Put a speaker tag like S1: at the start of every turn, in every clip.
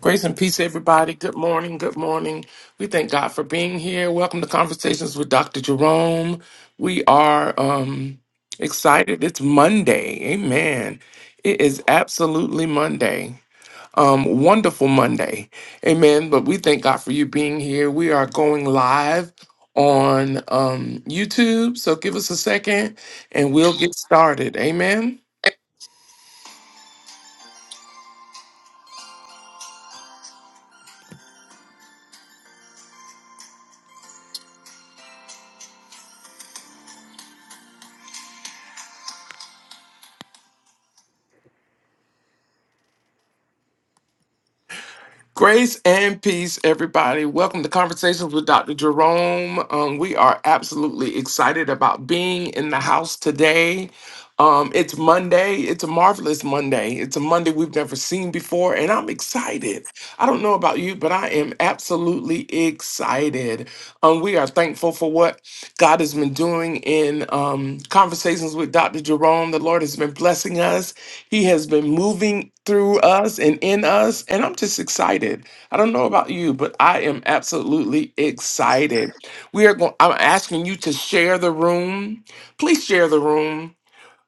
S1: Grace and peace, everybody. Good morning. Good morning. We thank God for being here. Welcome to Conversations with Dr. Jerome. We are um, excited. It's Monday. Amen. It is absolutely Monday. Um, wonderful Monday. Amen. But we thank God for you being here. We are going live on um, YouTube. So give us a second and we'll get started. Amen. Grace and peace, everybody. Welcome to Conversations with Dr. Jerome. Um, we are absolutely excited about being in the house today. Um, it's Monday. It's a marvelous Monday. It's a Monday we've never seen before, and I'm excited. I don't know about you, but I am absolutely excited. Um, we are thankful for what God has been doing in um, conversations with Dr. Jerome. The Lord has been blessing us. He has been moving through us and in us, and I'm just excited. I don't know about you, but I am absolutely excited. We are going. I'm asking you to share the room. Please share the room,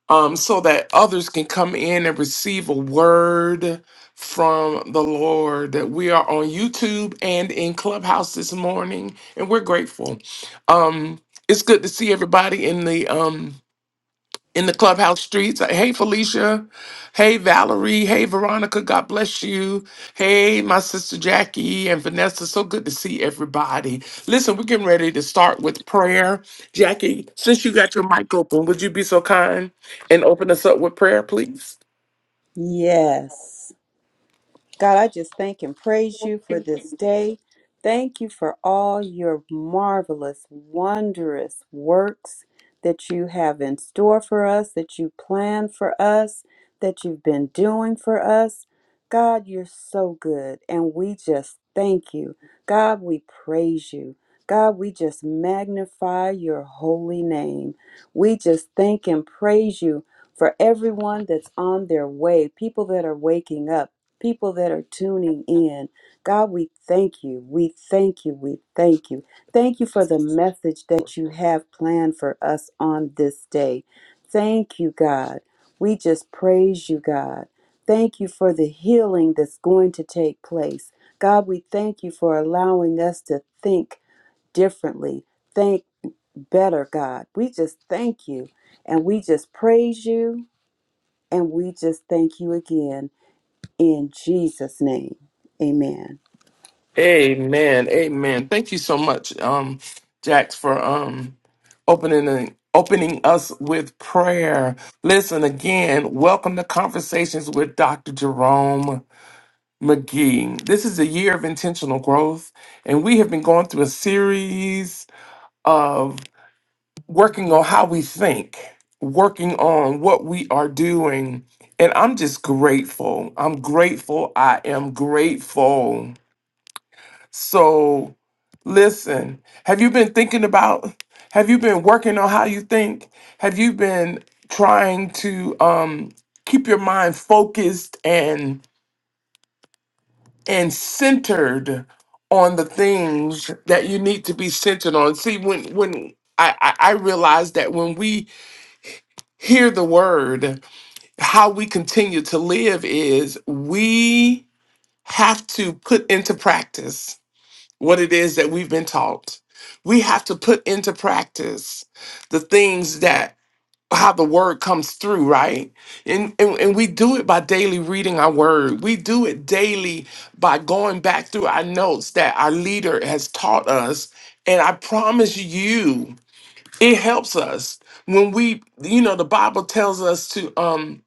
S1: um, so that others can come in and receive a word from the Lord. That we are on YouTube and in Clubhouse this morning, and we're grateful. Um, it's good to see everybody in the um in the clubhouse streets. Like, Hey, Felicia. Hey, Valerie. Hey, Veronica. God bless you. Hey, my sister Jackie and Vanessa. So good to see everybody. Listen, we're getting ready to start with prayer. Jackie, since you got your mic open, would you be so kind and open us up with prayer, please?
S2: Yes. God, I just thank and praise you for this day. Thank you for all your marvelous, wondrous works that you have in store for us, that you plan for us, that you've been doing for us. God, you're so good, and we just thank you. God, we praise you. God, we just magnify your holy name. We just thank and praise you for everyone that's on their way, people that are waking up people that are tuning in. God, we thank you. We thank you. We thank you. Thank you for the message that you have planned for us on this day. Thank you, God. We just praise you, God. Thank you for the healing that's going to take place. God, we thank you for allowing us to think differently, think better, God. We just thank you and we just praise you and we just thank you again in Jesus' name. Amen.
S1: Amen. Amen. Thank you so much, um, Jax, for um opening the opening us with prayer. Listen again, welcome to Conversations with Dr. Jerome McGee. This is a year of intentional growth, and we have been going through a series of working on how we think, working on what we are doing. And I'm just grateful. I'm grateful. I am grateful so listen, have you been thinking about have you been working on how you think? Have you been trying to um keep your mind focused and and centered on the things that you need to be centered on? See, when when I, I I realize that when we hear the word, how we continue to live is we have to put into practice what it is that we've been taught. We have to put into practice the things that how the word comes through, right? And, and and we do it by daily reading our word. We do it daily by going back through our notes that our leader has taught us. And I promise you, it helps us when we, you know, the Bible tells us to um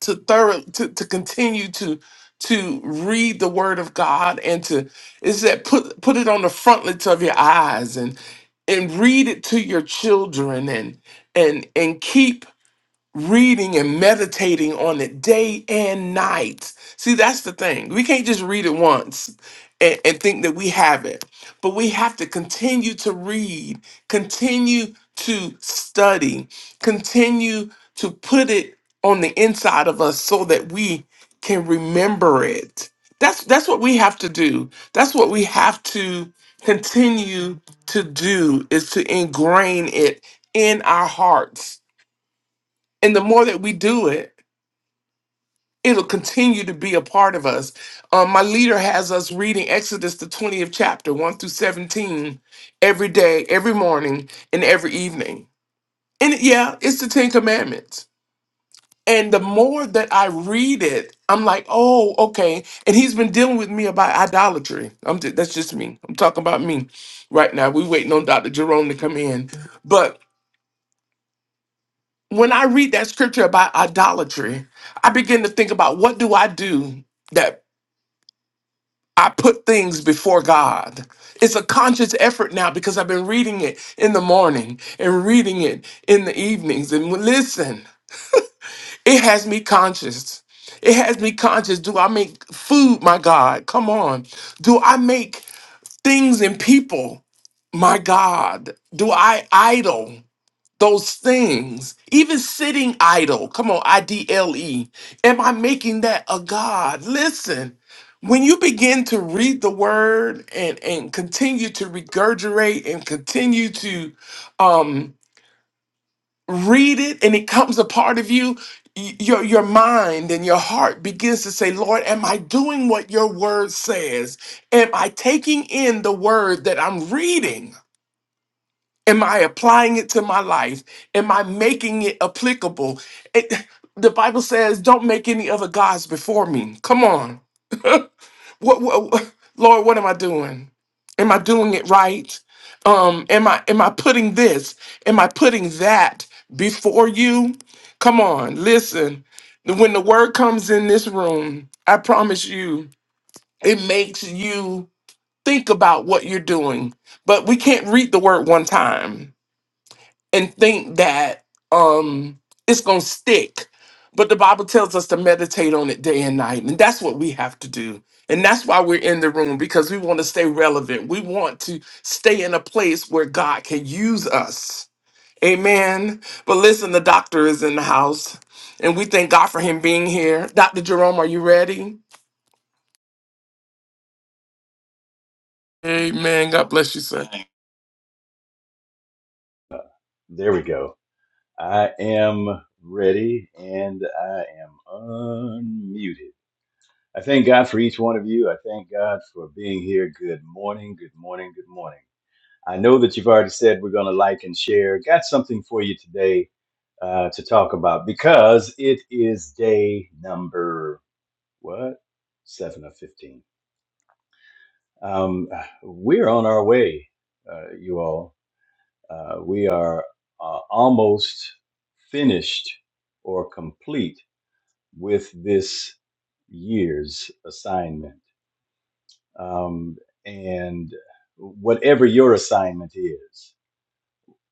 S1: to thorough to, to continue to to read the word of God and to is that put put it on the frontlets of your eyes and and read it to your children and and and keep reading and meditating on it day and night. See, that's the thing. We can't just read it once and, and think that we have it, but we have to continue to read, continue to study, continue to put it on the inside of us so that we can remember it. That's that's what we have to do. That's what we have to continue to do is to ingrain it in our hearts and the more that we do it, it'll continue to be a part of us. Um, my leader has us reading Exodus, the 20th chapter, 1 through 17, every day, every morning, and every evening. And yeah, it's the Ten Commandments. And the more that I read it, I'm like, oh, okay. And he's been dealing with me about idolatry. I'm ju- that's just me. I'm talking about me right now. we waiting on Dr. Jerome to come in. But when I read that scripture about idolatry, I begin to think about what do I do that I put things before God. It's a conscious effort now because I've been reading it in the morning and reading it in the evenings. And listen, it has me conscious. It has me conscious. Do I make food my God? Come on. Do I make things and people my God? Do I idol? those things, even sitting idle. Come on, I D L E. Am I making that a God? Listen, when you begin to read the word and, and continue to regurgitate and continue to um, read it, and it comes a part of you, y- your, your mind and your heart begins to say, Lord, am I doing what your word says? Am I taking in the word that I'm reading? Am I applying it to my life? Am I making it applicable? It, the Bible says, "Don't make any other gods before me." Come on, what, what, what- Lord? What am I doing? Am I doing it right? Um, am I am I putting this? Am I putting that before you? Come on, listen. When the word comes in this room, I promise you, it makes you think about what you're doing. But we can't read the word one time and think that um it's gonna stick. But the Bible tells us to meditate on it day and night, and that's what we have to do. And that's why we're in the room because we want to stay relevant. We want to stay in a place where God can use us. Amen. But listen, the doctor is in the house, and we thank God for him being here. Dr. Jerome, are you ready? Amen. God bless you, sir.
S3: There we go. I am ready and I am unmuted. I thank God for each one of you. I thank God for being here. Good morning, good morning, good morning. I know that you've already said we're going to like and share. Got something for you today uh, to talk about because it is day number what? Seven of 15. Um, we're on our way, uh, you all. Uh, we are uh, almost finished or complete with this year's assignment. Um, and whatever your assignment is,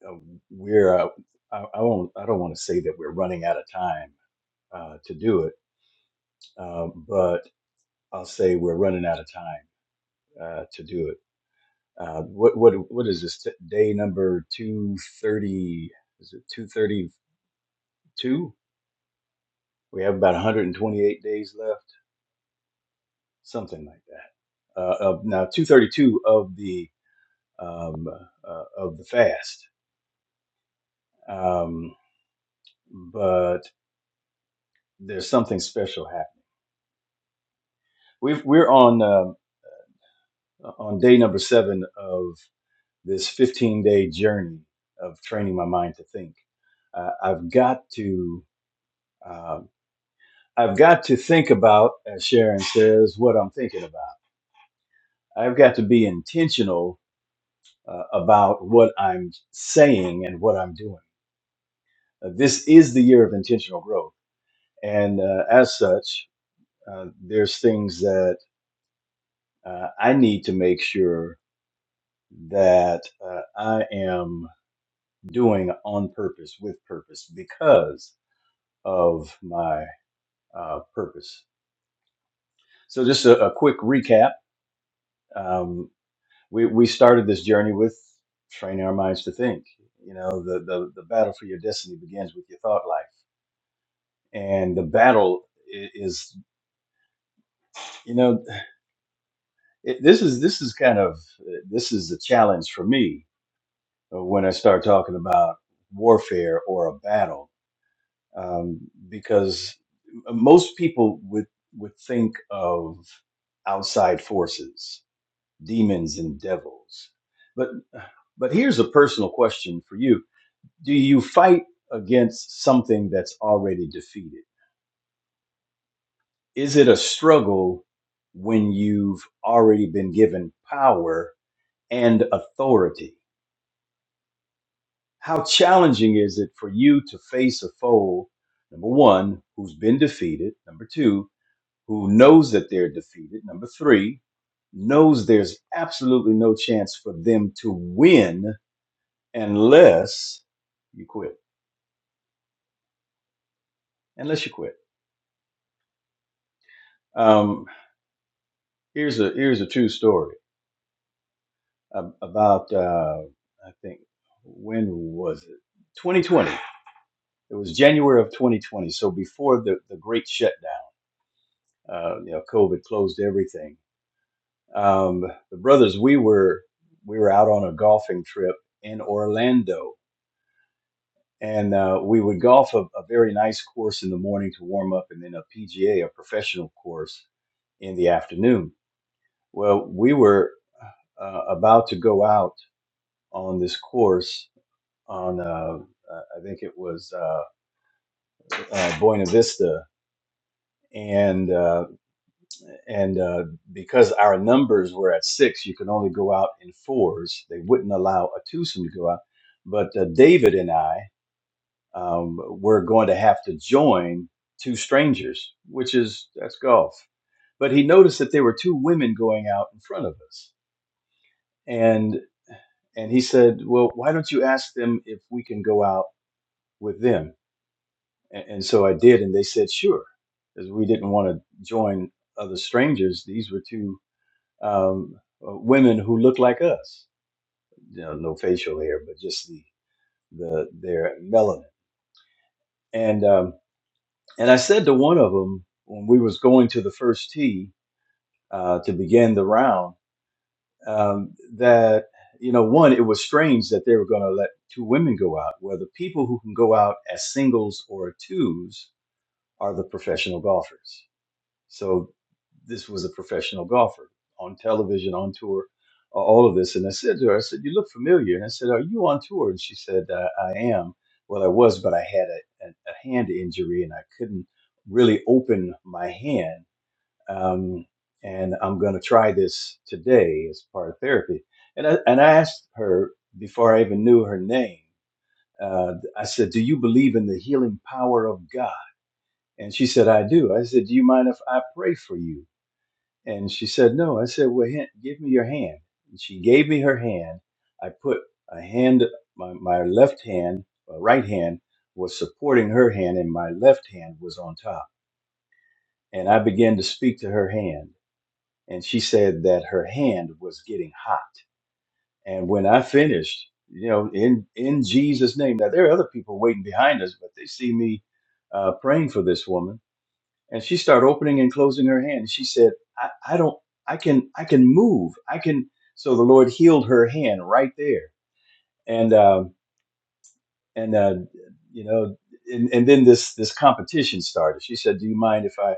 S3: uh, we're uh, I, I won't I don't want to say that we're running out of time uh, to do it, uh, but I'll say we're running out of time uh, to do it. Uh, what what what is this t- day number two thirty? Is it two thirty two? We have about 128 days left, something like that. Uh, of now 232 of the um, uh, of the fast, um, but there's something special happening. We've, we're on um on day number seven of this 15 day journey of training my mind to think. Uh, I've got to um, I've got to think about, as Sharon says, what I'm thinking about. I've got to be intentional uh, about what I'm saying and what I'm doing. Uh, this is the year of intentional growth. And uh, as such, uh, there's things that uh, I need to make sure that uh, I am doing on purpose, with purpose, because of my uh, purpose. So, just a, a quick recap. Um, we, we started this journey with training our minds to think. You know, the, the, the battle for your destiny begins with your thought life and the battle i- is you know it, this is this is kind of uh, this is a challenge for me uh, when i start talking about warfare or a battle um, because m- most people would would think of outside forces demons and devils but but here's a personal question for you do you fight against something that's already defeated is it a struggle when you've already been given power and authority? How challenging is it for you to face a foe, number one, who's been defeated, number two, who knows that they're defeated, number three, knows there's absolutely no chance for them to win unless you quit. Unless you quit. Um, here's a here's a true story. ab- about uh, I think when was it? 2020. It was January of 2020. So before the the great shutdown, uh, you know, COVID closed everything. Um, the brothers, we were we were out on a golfing trip in Orlando, and uh, we would golf a, a very nice course in the morning to warm up, and then a PGA, a a professional course, in the afternoon. Well, we were uh, about to go out on this course on uh, uh, I think it was uh, uh, Buena Vista, and uh, and uh, because our numbers were at six, you could only go out in fours. They wouldn't allow a twosome to go out, but uh, David and I um, were going to have to join two strangers, which is that's golf. But he noticed that there were two women going out in front of us, and and he said, "Well, why don't you ask them if we can go out with them?" And, and so I did, and they said sure, because we didn't want to join other strangers. These were two um, uh, women who looked like us, you know, no facial hair, but just the the their melanin. And um, and I said to one of them when we was going to the first tee uh, to begin the round um, that you know one it was strange that they were going to let two women go out where the people who can go out as singles or twos are the professional golfers So this was a professional golfer on television, on tour, a- all of this. And I said to her, I said, "You look familiar." And I said, "Are you on tour?" And she said, "I, I am." Well, I was, but I had a, a, a hand injury and I couldn't really open my hand. Um, and I'm going to try this today as part of therapy. And I and I asked her before I even knew her name. Uh, I said, "Do you believe in the healing power of God?" And she said, I do. I said, Do you mind if I pray for you? And she said, No. I said, Well, hand, give me your hand. And she gave me her hand. I put a hand, my, my left hand, my right hand was supporting her hand, and my left hand was on top. And I began to speak to her hand. And she said that her hand was getting hot. And when I finished, you know, in, in Jesus' name, now there are other people waiting behind us, but they see me uh, praying for this woman and she started opening and closing her hand. She said, I, I don't, I can, I can move. I can. So the Lord healed her hand right there. And, um, and, uh, you know, and, and then this, this competition started. She said, do you mind if I,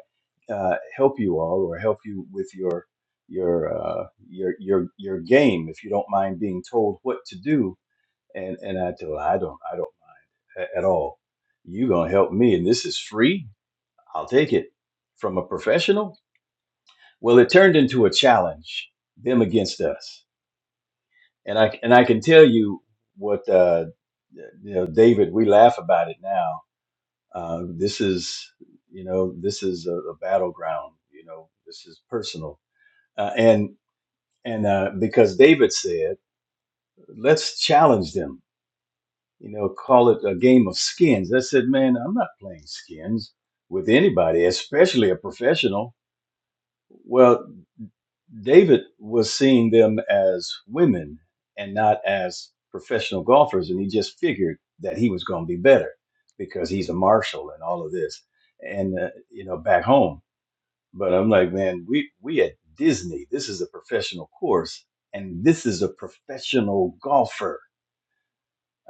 S3: uh, help you all or help you with your, your, uh, your, your, your game, if you don't mind being told what to do. And, and I told her, I don't, I don't a- at all. you going to help me. And this is free. I'll take it from a professional Well, it turned into a challenge, them against us, and I and I can tell you what uh, you know, David. We laugh about it now. Uh, this is you know this is a, a battleground. You know this is personal, uh, and and uh, because David said, let's challenge them. You know, call it a game of skins. I said, man, I'm not playing skins with anybody, especially a professional. Well, David was seeing them as women and not as professional golfers, and he just figured that he was going to be better because he's a marshal and all of this, and uh, you know back home. But I'm like, man, we we at Disney. This is a professional course, and this is a professional golfer.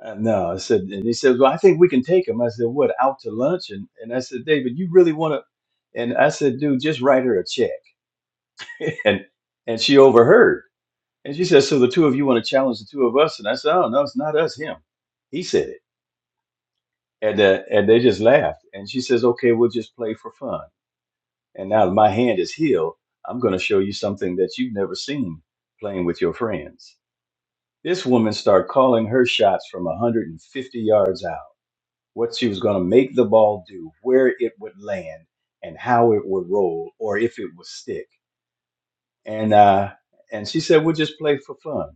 S3: Uh, no, I said, and he said, well, I think we can take him. I said, what, out to lunch? And and I said, David, you really want to? And I said, dude, just write her a check. And and she overheard. And she says, "So the two of you want to challenge the two of us?" And I said, "Oh no, it's not us. Him. He said it." And uh, and they just laughed. And she says, "Okay, we'll just play for fun." And now my hand is healed. I'm going to show you something that you've never seen playing with your friends. This woman started calling her shots from 150 yards out. What she was going to make the ball do, where it would land, and how it would roll, or if it would stick. And uh, and she said, "We'll just play for fun."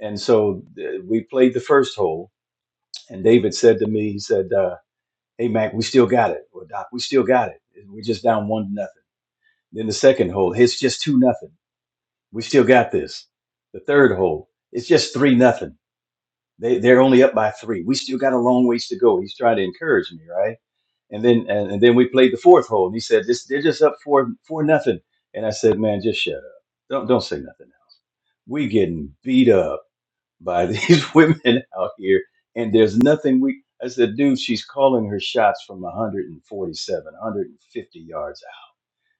S3: And so uh, we played the first hole And David said to me, he said, uh, "Hey Mac, we still got it. Well, Doc, we still got it. We're just down one to nothing." Then the second hole, it's just two nothing. We still got this. The third hole, it's just three nothing. They they're only up by three. We still got a long ways to go. He's trying to encourage me, right? And then and, and then we played the fourth hole, and he said, "This they're just up four four nothing." And I said, "Man, just shut up. Don't don't say nothing else. We getting beat up." by these women out here, and there's nothing we. I said, dude, she's calling her shots from 147, 150 yards out.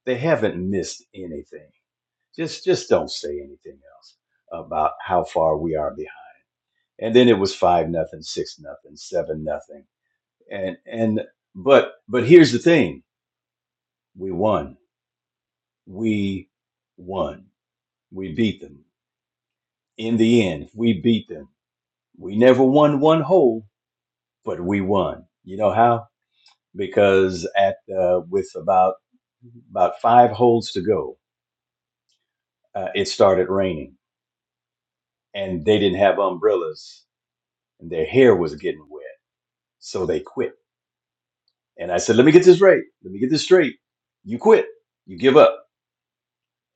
S3: They haven't missed anything. Just, just don't say anything else about how far we are behind. And then it was five nothing, six nothing, seven nothing, and and but but here's the thing: we won. We won. We beat them in the end. We beat them. We never won one hole, but we won. You know how? because at uh, with about about five holes to go, uh, it started raining, and they didn't have umbrellas, and their hair was getting wet, so they quit. And I said, "Let me get this right. Let me get this straight. You quit. You give up."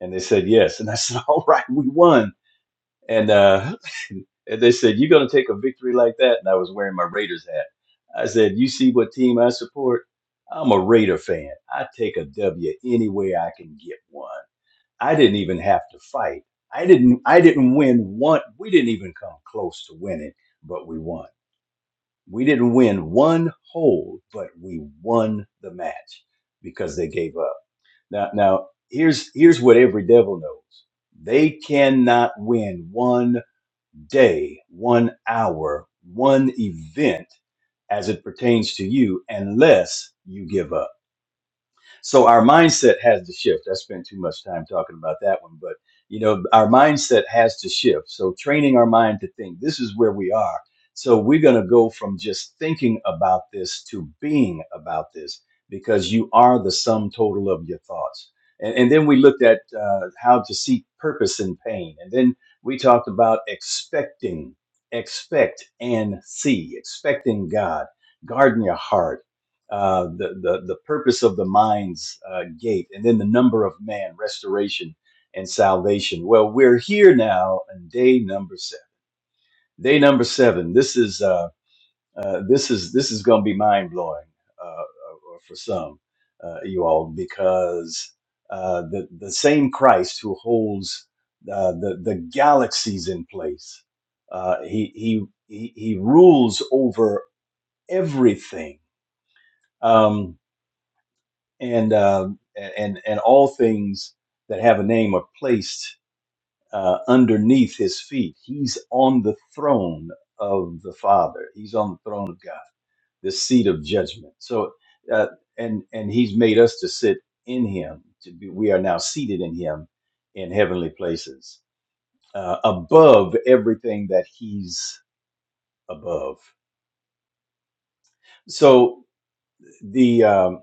S3: And they said, "Yes." And I said, "All right, we won." And uh, and they said, "You're going to take a victory like that?" And I was wearing my Raiders hat. I said, "You see what team I support? I'm a Raider fan. I take a W any way I can get one." I didn't even have to fight. I didn't I didn't win one we didn't even come close to winning, but we won. We didn't win one hole, but we won the match because they gave up. Now now here's here's what every devil knows. They cannot win one day, one hour, one event as it pertains to you unless you give up so our mindset has to shift. I spent too much time talking about that one, but you know, our mindset has to shift. So training our mind to think this is where we are. So we're going to go from just thinking about this to being about this because you are the sum total of your thoughts. And, and then we looked at uh, how to seek purpose in pain. And then we talked about expecting, expect and see, expecting God, guarding your heart uh, the, the the purpose of the mind's uh, gate, and then the number of man, restoration and salvation. Well, we're here now on day number seven. Day number seven. This is uh, uh, this is this is going to be mind blowing uh, uh, for some, uh, you all, because uh, the the same Christ who holds uh, the the galaxies in place, uh, he he he he rules over everything. Um, and um, and and all things that have a name are placed uh, underneath his feet. He's on the throne of the Father. He's on the throne of God, the seat of judgment. So, uh, and and he's made us to sit in Him. To be, we are now seated in Him in heavenly places, uh, above everything that He's above. So the um,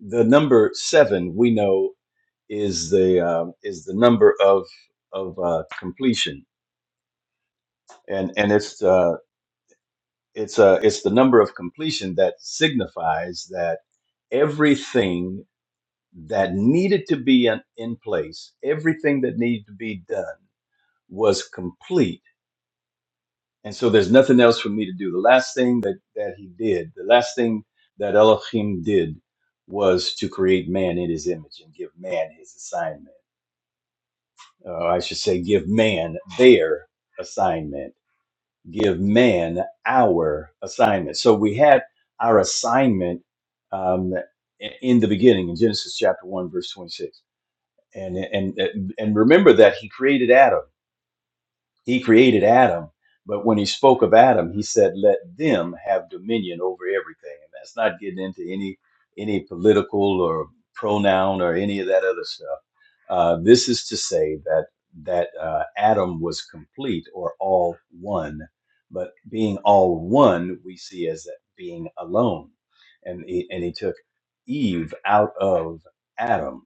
S3: the number seven we know. is the um, is the number of of uh, completion, and and it's uh, it's uh, it's the number of completion that signifies that everything that needed to be in, in place, everything that needed to be done was complete, and so there's nothing else for me to do. The last thing that that he did, the last thing that Elohim did, was to create man in his image and give man his assignment uh, I should say, give man their assignment, give man our assignment. So we had our assignment um, i- in the beginning in Genesis chapter 1, verse 26. And, and, and remember that he created Adam. He created Adam, but when he spoke of Adam, he said, "Let them have dominion over everything." And that's not getting into any any political or pronoun or any of that other stuff. Uh, this is to say that that uh, Adam was complete or all one, but being all one, we see as that being alone, and he, and he took Eve out of Adam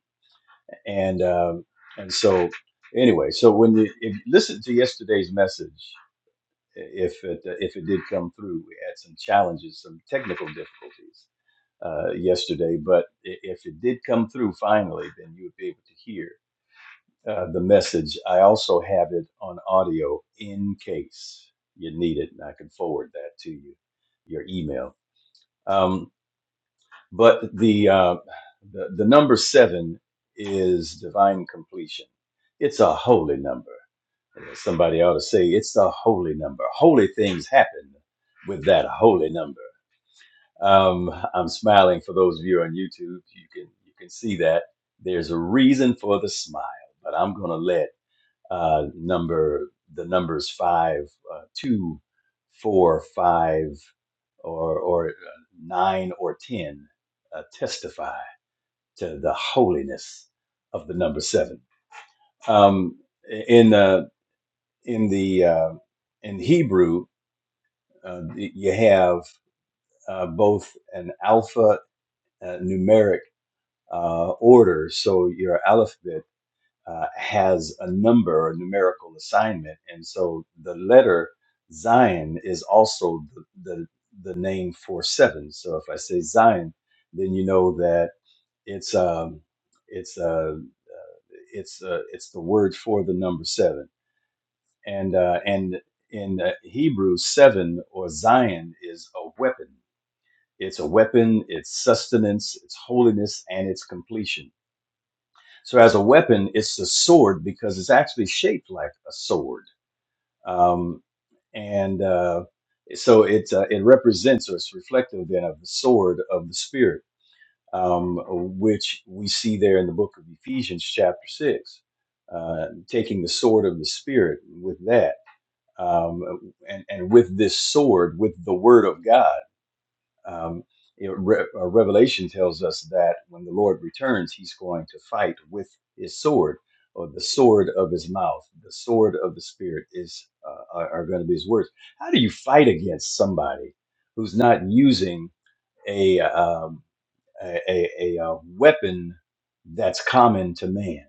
S3: and um, and so anyway, so when the if listen to yesterday's message, if it uh, if it did come through, we had some challenges, some technical difficulties uh, yesterday, but i- if it did come through finally, then you would be able to hear uh, the message. I also have it on audio in case you need it, and I can forward that to you, your email. Um, but the uh, the, the number seven is divine completion. It's a holy number. Somebody ought to say it's a holy number. Holy things happen with that holy number. Um, I'm smiling for those of you on YouTube. You can you can see that there's a reason for the smile, but I'm gonna let uh, number the numbers five, uh, two, four, five, or or uh, nine or ten uh, testify to the holiness of the number seven. Um, in uh, in the uh, in Hebrew, uh, you have uh, both an alpha uh, numeric uh, order, so your alphabet uh, has a number or numerical assignment, and so the letter Zion is also the the, the name for seven. So if I say Zion, then you know that it's um, it's uh, it's uh, it's the word for the number seven, and uh, and in uh, Hebrew, seven or Zion is a weapon. It's a weapon. It's sustenance. It's holiness, and it's completion. So as a weapon, it's a sword because it's actually shaped like a sword, um, and uh, so it uh, it represents or it's reflective then of the sword of the spirit um, which we see there in the book of Ephesians, chapter 6, uh, taking the sword of the Spirit with that. Um, and, and with this sword, with the word of God, um, you Re- uh, Revelation tells us that when the Lord returns, he's going to fight with his sword or the sword of his mouth. The sword of the Spirit is uh, are, are going to be his words. How do you fight against somebody who's not using a? um, a, a, a uh, weapon that's common to man.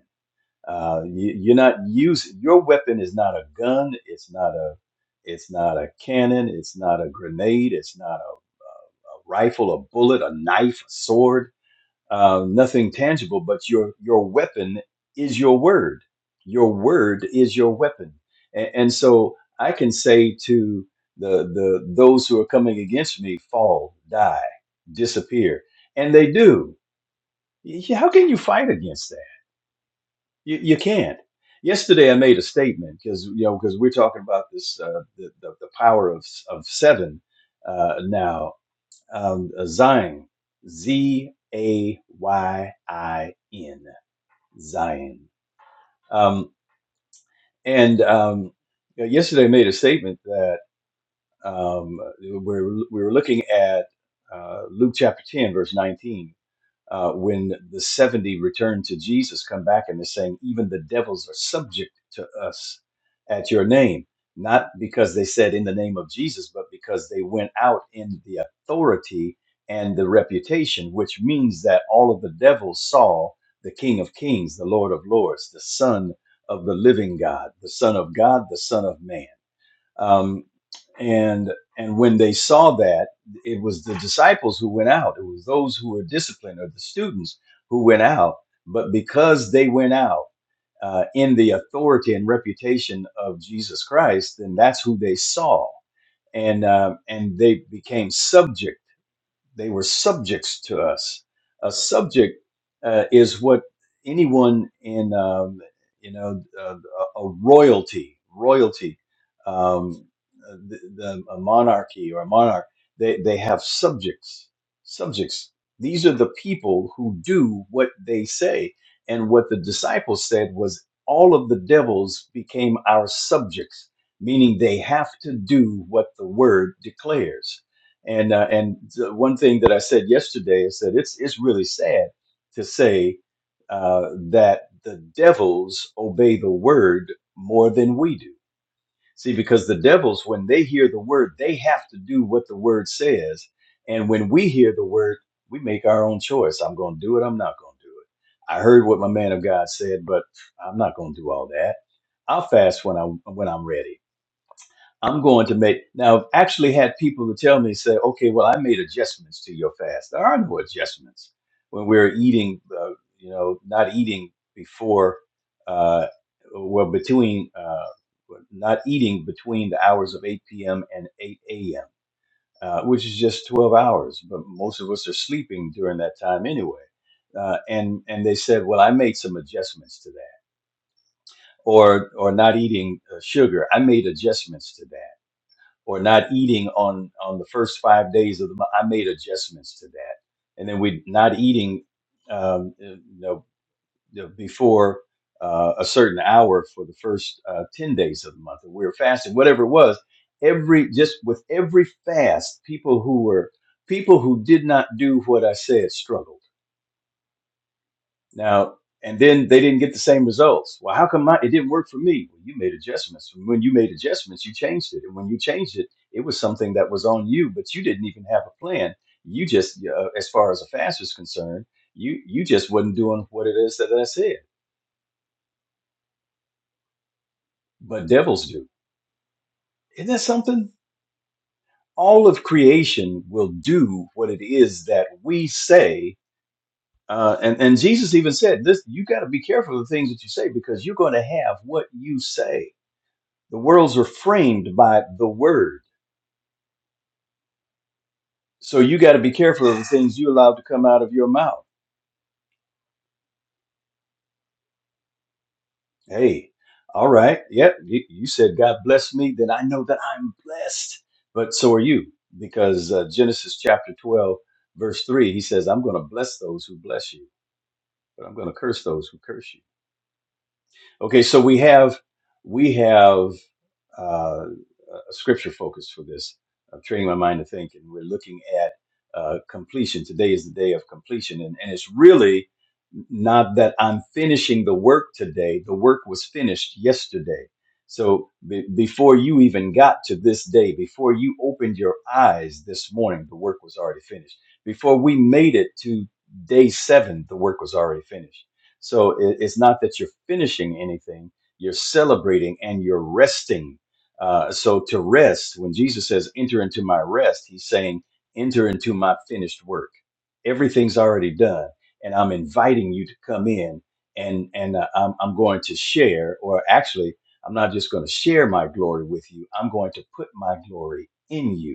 S3: Uh, you, you're not using your weapon is not a gun. It's not a it's not a cannon. It's not a grenade. It's not a, a rifle, a bullet, a knife, a sword. Uh, nothing tangible, but your your weapon is your word. Your word is your weapon, and, and so I can say to the the those who are coming against me, fall, die, disappear, and they do Y- How can you fight against that? You, you can't. Yesterday, I made a statement because you know because we're talking about this uh, the, the the power of of seven uh, now. Um, uh, Zion, Z A Y I N, Zion. Um, and um, you know, yesterday, I made a statement that um, we we're, we were looking at uh, Luke chapter ten, verse nineteen uh, when the 70 return to Jesus come back and they're saying, even the devils are subject to us at your name. Not because they said in the name of Jesus, but because they went out in the authority and the reputation, which means that all of the devils saw the King of Kings, the Lord of Lords, the Son of the living God, the Son of God, the Son of Man um, and and when they saw that it was the disciples who went out it was those who were disciplined or the students who went out but because they went out uh, in the authority and reputation of jesus christ then that's who they saw and uh, and they became subject they were subjects to us. A subject uh, is what anyone in, um, you know, uh, a royalty, royalty, um, uh, the, the, a monarchy or a monarch, they, they have subjects. Subjects. These are the people who do what they say. And what the disciples said was all of the devils became our subjects, meaning they have to do what the word declares and uh, and the one thing that I said yesterday is that it's it's really sad to say uh, that the devils obey the word more than we do. See, because the devils, when they hear the word, they have to do what the word says. And when we hear the word, we make our own choice. I'm going to do it. I'm not going to do it. I heard what my man of God said, but I'm not going to do all that. I'll fast when I when I'm ready. I'm going to make now. I've actually had people who tell me, say, okay, well, I made adjustments to your fast. There are no adjustments when we're eating, uh, you know, not eating before, uh, well, between, uh, not eating between the hours of 8 p.m. and 8 a.m., uh, which is just 12 hours. But most of us are sleeping during that time anyway. Uh, and and they said, well, I made some adjustments to that, or or not eating uh, sugar. I made adjustments to that or not eating on on the first five days of the month. I made adjustments to that, and then we not eating, um, you know, you know, before uh, a certain hour for the first uh, ten days of the month. And we were fasting, whatever it was. Every just with every fast, people who were people who did not do what I said struggled now, and then they didn't get the same results. Well, how come my, it didn't work for me? Well, you made adjustments. And When you made adjustments, you changed it. And when you changed it, it was something that was on you, but you didn't even have a plan. You just, uh, as far as a fast is concerned, you you just wasn't doing what it is that I said. But devils do. Isn't that something? All of creation will do what it is that we say. Uh, and, and Jesus even said this, you got to be careful of the things that you say because you're going to have what you say the worlds are framed by the word. So you got to be careful of the things you allow to come out of your mouth. Hey, all right. Yep. You, you said God bless me, then I know that I'm blessed. But so are you, because uh, Genesis chapter 12, verse 3, he says, I'm going to bless those who bless you, but I'm going to curse those who curse you. Okay, so we have we have uh, a scripture focus for this. I'm training my mind to think, and we're looking at uh, completion. Today is the day of completion, and, and it's really not that I'm finishing the work today. The work was finished yesterday. So be- before you even got to this day, before you opened your eyes this morning, the work was already finished. Before we made it to day seven, the work was already finished so it, it's not that you're finishing anything, you're celebrating and you're resting. Uh, so to rest, when Jesus says, enter into my rest, he's saying, enter into my finished work. Everything's already done. And I'm inviting you to come in and, and uh, I'm, I'm going to share, or actually, I'm not just going to share my glory with you. I'm going to put my glory in you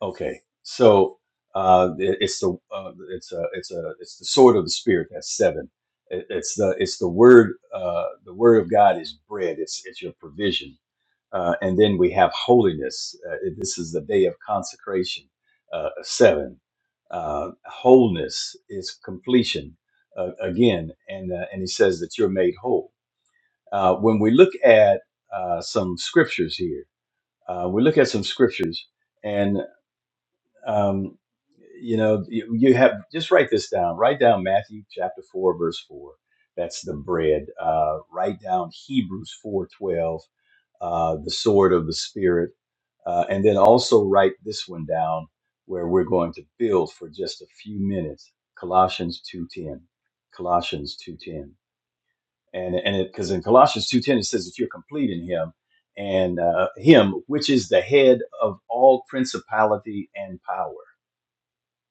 S3: Okay, so uh, it- it's the uh, it's a it's a it's the sword of the spirit. That's seven. It, it's the it's the word uh, the word of God is bread. It's it's your provision. Uh, and then we have holiness. Uh, it- this is the day of consecration. Uh, seven. Uh, wholeness is completion uh, again, and uh, and he says that you're made whole. Uh, when we look at uh, some scriptures here, uh, we look at some scriptures and. Um, you know, you, you have just write this down. Write down Matthew chapter four, verse four. That's the bread. Uh, write down Hebrews four twelve, uh, the sword of the spirit, uh, and then also write this one down where we're going to build for just a few minutes. Colossians two ten, Colossians two ten, and and it because in Colossians two ten it says that you're complete in Him and uh, Him which is the head of all principality and power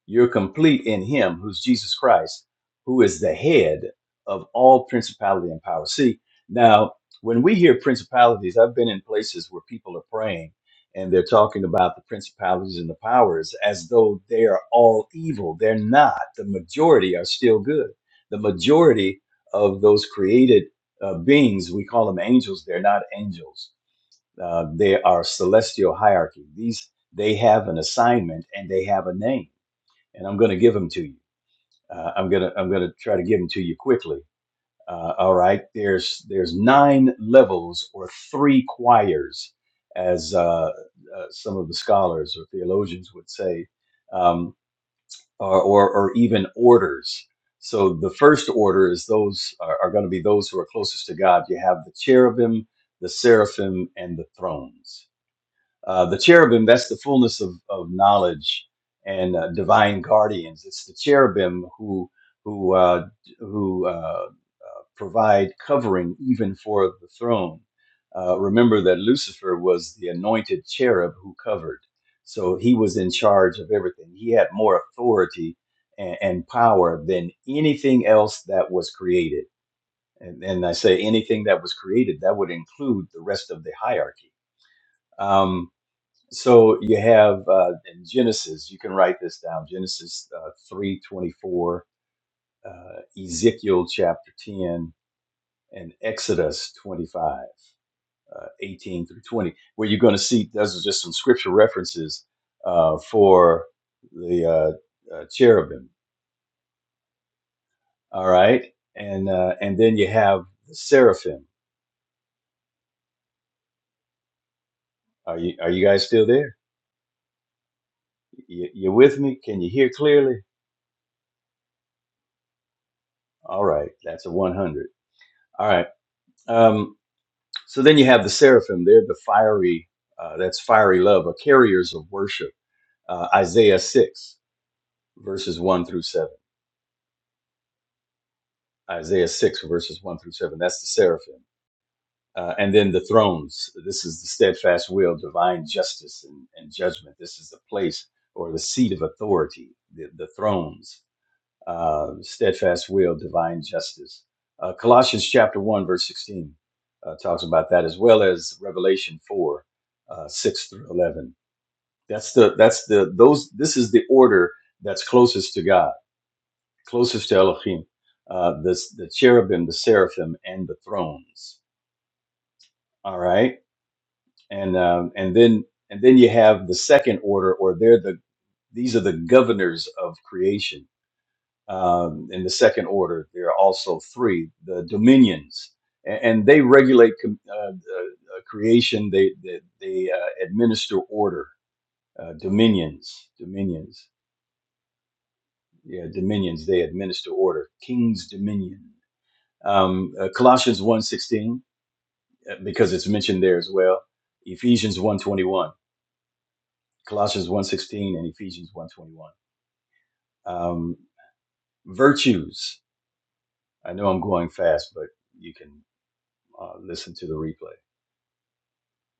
S3: you're complete in him who's Jesus Christ, who is the head of all principality and power. See, now when we hear principalities, I've been in places where people are praying and they're talking about the principalities and the powers as though they are all evil. They're not. The majority are still good. The majority of those created uh, beings, we call them angels, they're not angels. Uh, they are celestial hierarchy. These they have an assignment and they have a name and I'm going to give them to you. Uh, I'm gonna I'm gonna try to give them to you quickly. Uh, all right, there's there's nine levels or three choirs, as uh, uh, some of the scholars or theologians would say, um, or, or or even orders. So the first order is those are, are going to be those who are closest to God. You have the cherubim, the seraphim, and the thrones uh, the cherubim, that's the fullness of, of knowledge and uh, divine guardians. It's the cherubim who who uh, who uh, uh, provide covering even for the throne. Uh, remember that Lucifer was the anointed cherub who covered. So he was in charge of everything. He had more authority and, and power than anything else that was created. And, and I say anything that was created, that would include the rest of the hierarchy. Um, so you have uh, in Genesis, you can write this down Genesis uh, 3 twenty four, uh, Ezekiel chapter 10, and Exodus 25, uh, 18 through 20, where you're going to see those are just some scripture references uh, for the uh, uh, cherubim. All right. And uh, and then you have the seraphim. Are you, are you guys still there? You, you with me? Can you hear clearly? All right. That's a 100. All right. Um, So then you have the seraphim. They're the fiery, uh, that's fiery love, or carriers of worship. Uh, Isaiah 6, verses 1 through 7. Isaiah 6, verses 1 through 7. That's the seraphim. Uh, and then the thrones. This is the steadfast will, divine justice and, and judgment. This is the place or the seat of authority, the, the thrones, uh, steadfast will, divine justice. Uh, Colossians chapter 1, verse 16 uh, talks about that, as well as Revelation 4, uh, 6 through 11 That's the that's the those. This is the order that's closest to God, closest to Elohim. Uh, the the cherubim, the seraphim, and the thrones. All right, and um, and then and then you have the second order, or they're the these are the governors of creation. Um, in the second order, there are also three the dominions, and, and they regulate com- uh, uh, uh, creation. They they, they uh, administer order. Uh, dominions, dominions. yeah, dominions. They administer order. King's dominion. Um, uh, Colossians one sixteen, uh, because it's mentioned there as well. Ephesians one twenty one. Colossians one sixteen and Ephesians one twenty one. Um, virtues. I know I'm going fast, but you can uh, listen to the replay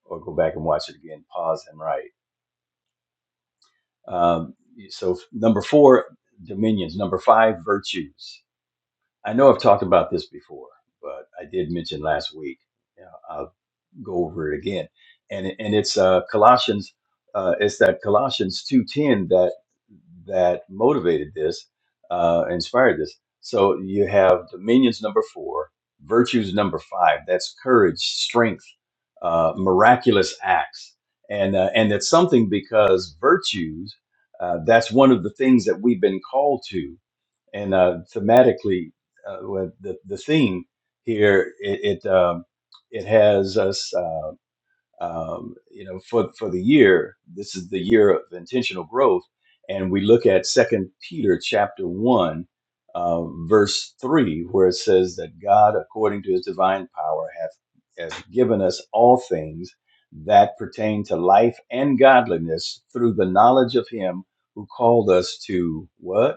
S3: or go back and watch it again. Pause and write. Um, so number four, dominions. Number five, virtues. I know I've talked about this before, but I did mention last week. Yeah, go over it again. And and it's uh, Colossians, uh, it's that Colossians two ten that that motivated this, uh, inspired this. So you have dominions number four, virtues number five. That's courage, strength, uh, miraculous acts, and uh, and that's something because virtues. Uh, that's one of the things that we've been called to and uh, thematically, uh, with the the theme here, it it, um, it has us, uh, um, you know, for for the year. This is the year of intentional growth, and we look at Second Peter chapter one, uh, verse three, where it says that God, according to His divine power, hath has given us all things that pertain to life and godliness through the knowledge of Him who called us to what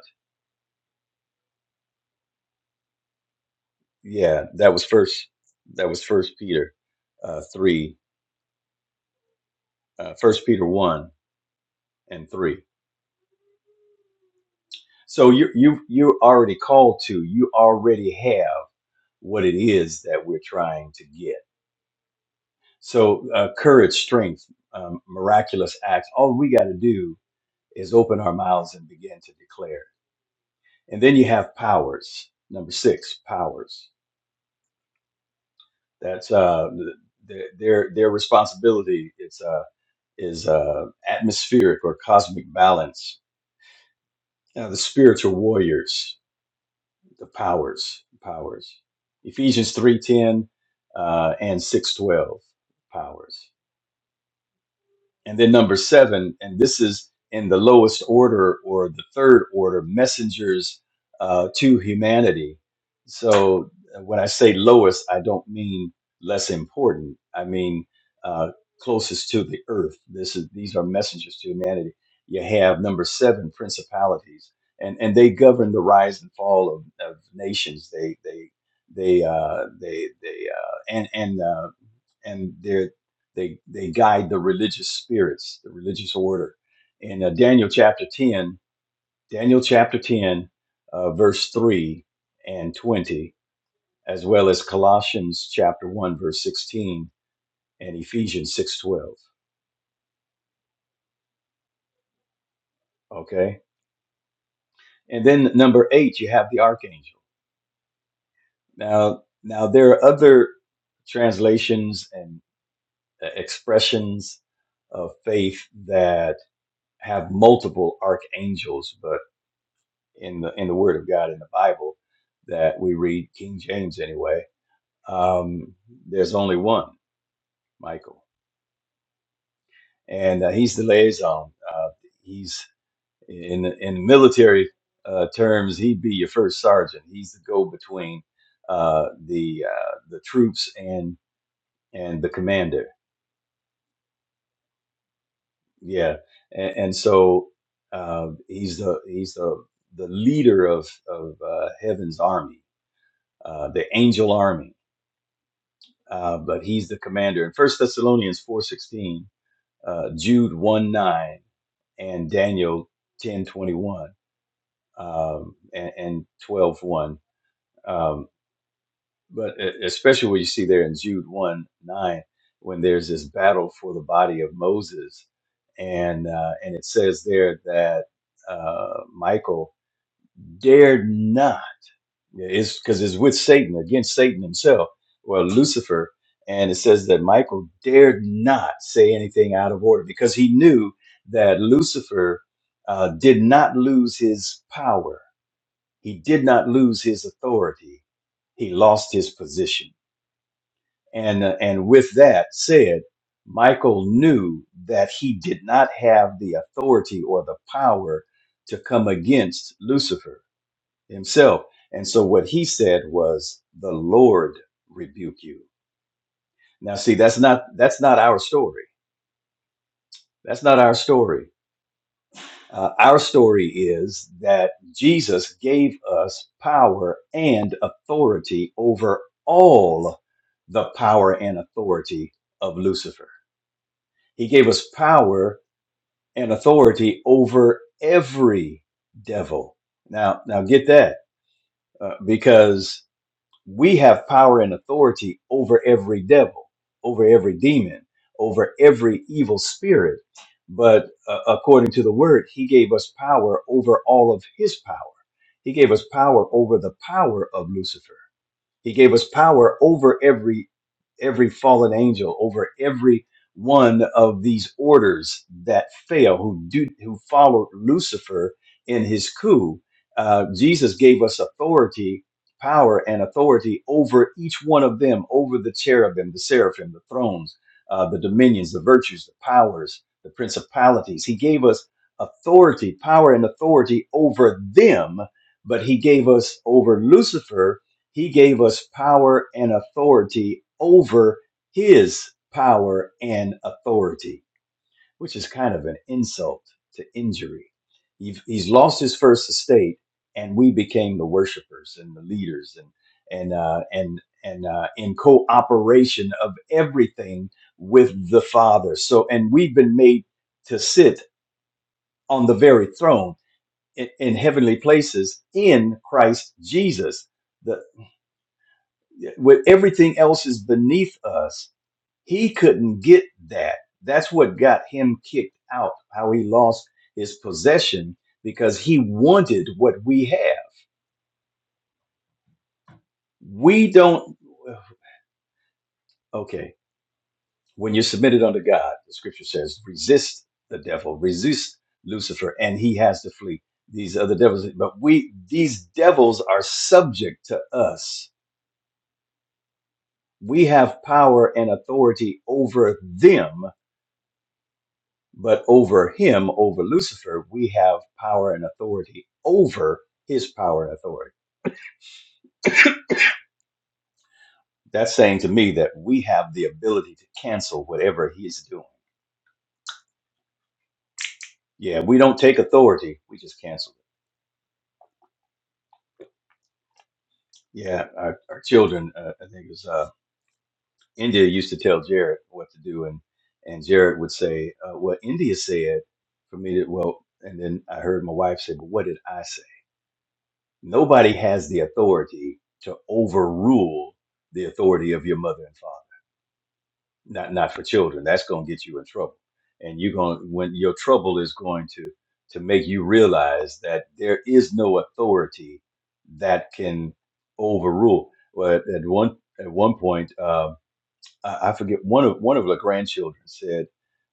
S3: yeah, that was first. That was First Peter uh, three, uh, First Peter one and three. So you you you're already called to. You already have what it is that we're trying to get. So uh, courage, strength, um, miraculous acts. All we got to do is open our mouths and begin to declare. And then you have powers. Number six, powers. That's uh, th- th- their their responsibility. is uh, atmospheric or cosmic balance. Now, the spiritual warriors, the powers, powers. Ephesians three ten uh, and six twelve, powers. And then number seven, and this is in the lowest order or the third order, messengers uh, to humanity. So uh, when I say lowest, I don't mean less important. I mean uh, closest to the earth. This is these are messengers to humanity. You have number seven, principalities, and and they govern the rise and fall of, of nations. They they they uh, they they uh, and and uh, and their they they guide the religious spirits, the religious order. In uh, Daniel chapter ten, Daniel chapter ten, uh, verse three and twenty, as well as Colossians chapter one, verse sixteen, and Ephesians six twelve. Okay, and then number eight, you have the archangel. Now now there are other translations and uh, expressions of faith that have multiple archangels, but. in the in the Word of God in the Bible that we read King James anyway. Um, there's only one Michael, and uh, he's the liaison. Uh, he's in in military uh, terms, he'd be your first sergeant. He's the go between uh, the uh, the troops and and the commander. Yeah, and, and so uh, he's the he's the the leader of of uh, heaven's army, uh, the angel army uh, but he's the commander. In First Thessalonians four sixteen, uh, Jude one nine, and Daniel ten twenty one um, and, and twelve one. Um, but e- especially what you see there in Jude one nine, when there's this battle for the body of Moses, and uh, and it says there that uh, Michael dared not. Yeah, It's because it's with Satan, against Satan himself, well, Lucifer. And it says that Michael dared not say anything out of order because he knew that Lucifer uh, did not lose his power. He did not lose his authority. He lost his position. And, uh, and with that said, Michael knew that he did not have the authority or the power to come against Lucifer himself. And so what he said was, "The Lord rebuke you." Now, see, that's not that's not our story. That's not our story. Uh, our story is that Jesus gave us power and authority over all the power and authority of Lucifer. He gave us power and authority over every devil. Now, now get that uh, because we have power and authority over every devil, over every demon, over every evil spirit. But uh, according to the word, he gave us power over all of his power. He gave us power over the power of Lucifer. He gave us power over every every fallen angel, over every one of these orders that fail, who do who followed Lucifer in his coup. Uh, Jesus gave us authority, power, and authority over each one of them, over the cherubim, the seraphim, the thrones, uh, the dominions, the virtues, the powers, the principalities. He gave us authority, power, and authority over them, but he gave us over Lucifer he gave us power and authority over his power and authority, which is kind of an insult to injury. He's lost his first estate, and we became the worshipers and the leaders, and and uh, and and uh, in cooperation of everything with the Father. So, and we've been made to sit on the very throne in, in heavenly places in Christ Jesus The with everything else is beneath us. He couldn't get that. That's what got him kicked out, how he lost his possession because he wanted what we have. We don't, okay, when you're submitted unto God, the scripture says, resist the devil, resist Lucifer, and he has to flee. These other devils, but we, these devils are subject to us. We have power and authority over them But over him, over Lucifer, we have power and authority over his power and authority. That's saying to me that we have the ability to cancel whatever he's doing. Yeah, we don't take authority, we just cancel it. Yeah, our, our children, uh, I think it was uh, India used to tell Jared what to do, and, and Jared would say, uh, Well, India said for me to, well, and then I heard my wife say, But what did I say? Nobody has the authority to overrule the authority of your mother and father not not for children. That's going to get you in trouble, and you're going when your trouble is going to to make you realize that there is no authority that can overrule. Well, at at one at one point, um I, I forget one of one of the grandchildren said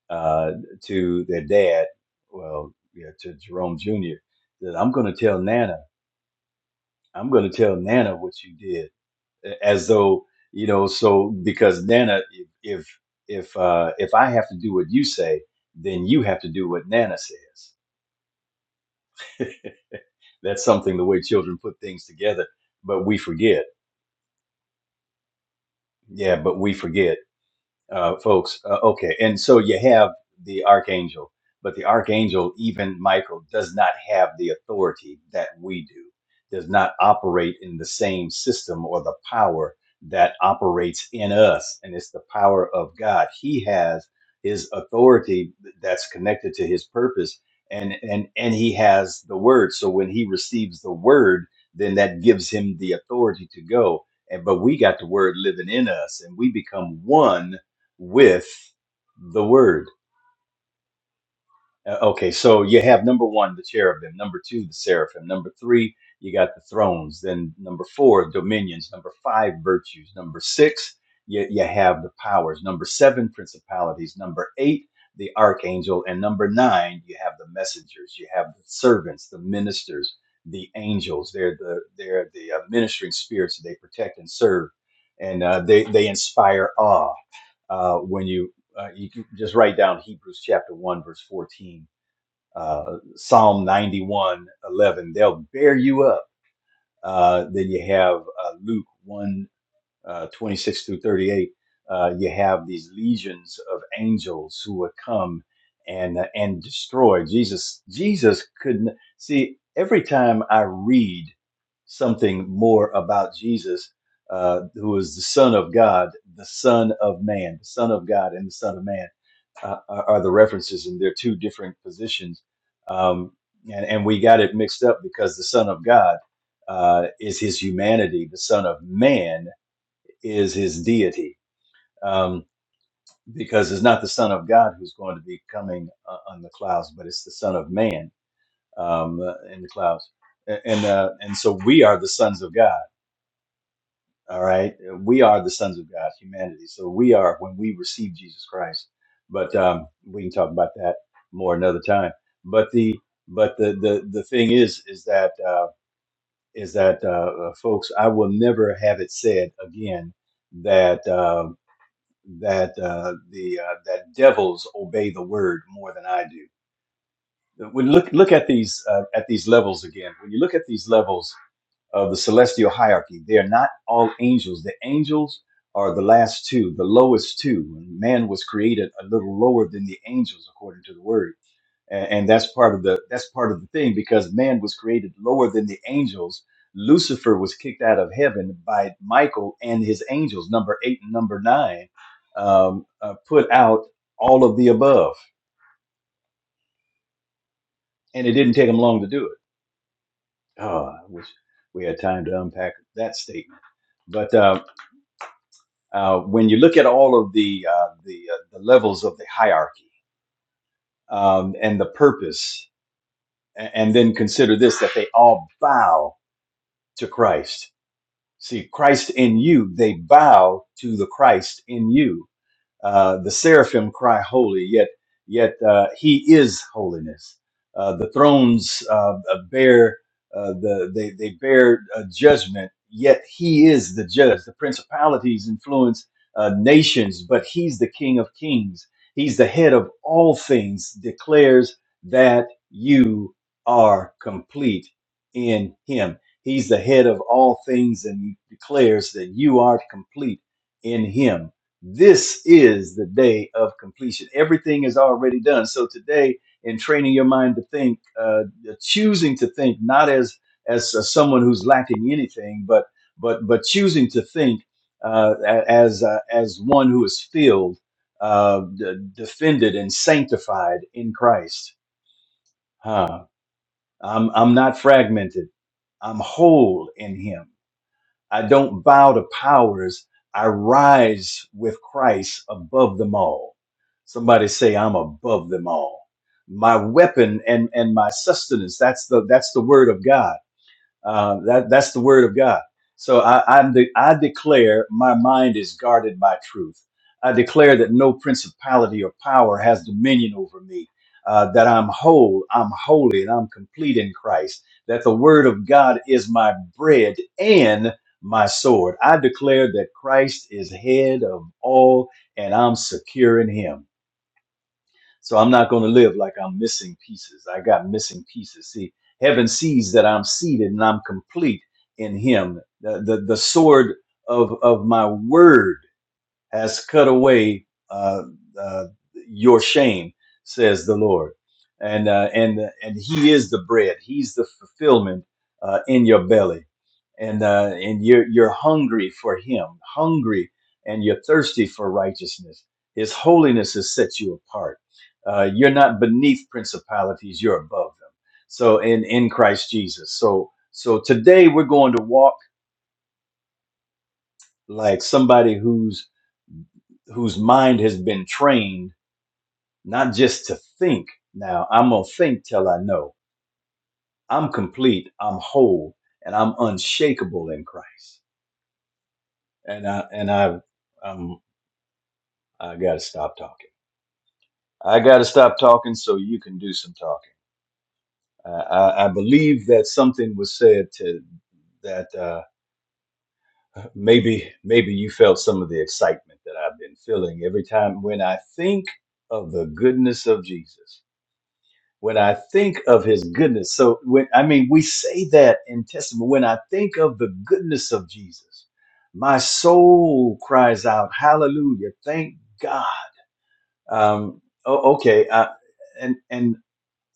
S3: uh, to their dad, well, yeah, to Jerome Jr., that I'm going to tell Nana, I'm going to tell Nana what you did as though you know so because nana if if uh if i have to do what you say then you have to do what nana says that's something the way children put things together but we forget yeah but we forget uh, folks. Uh, okay, and so you have the archangel, but the archangel, even Michael, does not have the authority that we do. Does not operate in the same system or the power that operates in us, and it's the power of God. He has his authority that's connected to his purpose, and and and he has the word. So when he receives the word, then that gives him the authority to go. And but we got the word living in us, and we become one with the word. Uh, Okay, so you have number one, the cherubim, number two, the seraphim, number three, you got the thrones, then number four, dominions, number five, virtues, number six, you, you have the powers, number seven, principalities, number eight, the archangel, and number nine, you have the messengers, you have the servants, the ministers, the angels. They're the they're the uh, ministering spirits that they protect and serve, and uh, they they inspire awe uh, when you uh, you can just write down Hebrews chapter one verse fourteen, uh, Psalm ninety one eleven. They'll bear you up. Uh, then you have uh, Luke 1, uh, 26 through 38, uh, you have these legions of angels who would come and uh, and destroy. Jesus Jesus couldn't see every time I read something more about Jesus, uh, who is the Son of God, the Son of Man, the Son of God, and the Son of Man uh, are are the references, and they're two different positions. Um, and, and we got it mixed up because the Son of God uh, is his humanity. The Son of Man is his deity um, because it's not the Son of God who's going to be coming uh, on the clouds, but it's the Son of Man um, uh, in the clouds. A- And uh, and so we are the sons of God. All right, we are the sons of God, humanity. So we are when we receive Jesus Christ. But um, we can talk about that more another time. But the but the the the thing is is that uh, is that uh, uh, folks, I will never have it said again that. Um, that uh, the uh, that devils obey the word more than I do. When look look at these uh, at these levels again, when you look at these levels of the celestial hierarchy, they are not all angels. The angels are the last two, the lowest two. And man was created a little lower than the angels, according to the word and, and that's part of the that's part of the thing because man was created lower than the angels lucifer was kicked out of heaven by michael and his angels number eight and number nine um, uh, put out all of the above and it didn't take them long to do it oh i wish we had time to unpack that statement but uh, uh, when you look at all of the uh, the, uh, the levels of the hierarchy um, and the purpose a- and then consider this that they all bow to christ See, Christ in you, they bow to the Christ in you. Uh, the seraphim cry holy, yet yet uh, he is holiness. Uh, the thrones uh, uh, bear uh, the they they bear uh, judgment, yet he is the judge. The principalities influence uh, nations, but he's the King of Kings. He's the head of all things. Declares that you are complete in Him. He's the head of all things, and declares that you are complete in Him this is the day of completion. Everything is already done. So today, in training your mind to think, uh, choosing to think not as as uh, someone who's lacking anything, but but but choosing to think uh, a- as uh, as one who is filled, uh, d- defended, and sanctified in Christ. Huh. I'm I'm not fragmented. I'm whole in Him. I don't bow to powers. I rise with Christ above them all. Somebody say I'm above them all. My weapon and and my sustenance. That's the that's the word of God uh, that that's the word of God. So I I'm de- I declare my mind is guarded by truth. I declare that no principality or power has dominion over me. Uh, that I'm whole, I'm holy, and I'm complete in Christ. That the word of God is my bread and my sword. I declare that Christ is head of all, and I'm secure in Him. So I'm not going to live like I'm missing pieces. I got missing pieces. See, heaven sees that I'm seated and I'm complete in Him. The, the, the sword of, of my word has cut away uh, uh, your shame, says the Lord. And uh, and and He is the bread. He's the fulfillment uh, in your belly, and uh, and you're you're hungry for Him, hungry, and you're thirsty for righteousness. His holiness has set you apart. Uh, you're not beneath principalities; you're above them. So in in Christ Jesus. So so today we're going to walk like somebody whose whose mind has been trained not just to think. Now, I'm going to think till I know. I'm complete, I'm whole, and I'm unshakable in Christ. And I and I um I got to stop talking. I got to stop talking so you can do some talking. I, I I believe that something was said to that uh, maybe maybe you felt some of the excitement that I've been feeling every time when I think of the goodness of Jesus. when I think of his goodness. So when I mean we say that in testimony, when I think of the goodness of Jesus, my soul cries out, Hallelujah, thank God. Um o- okay, I, and and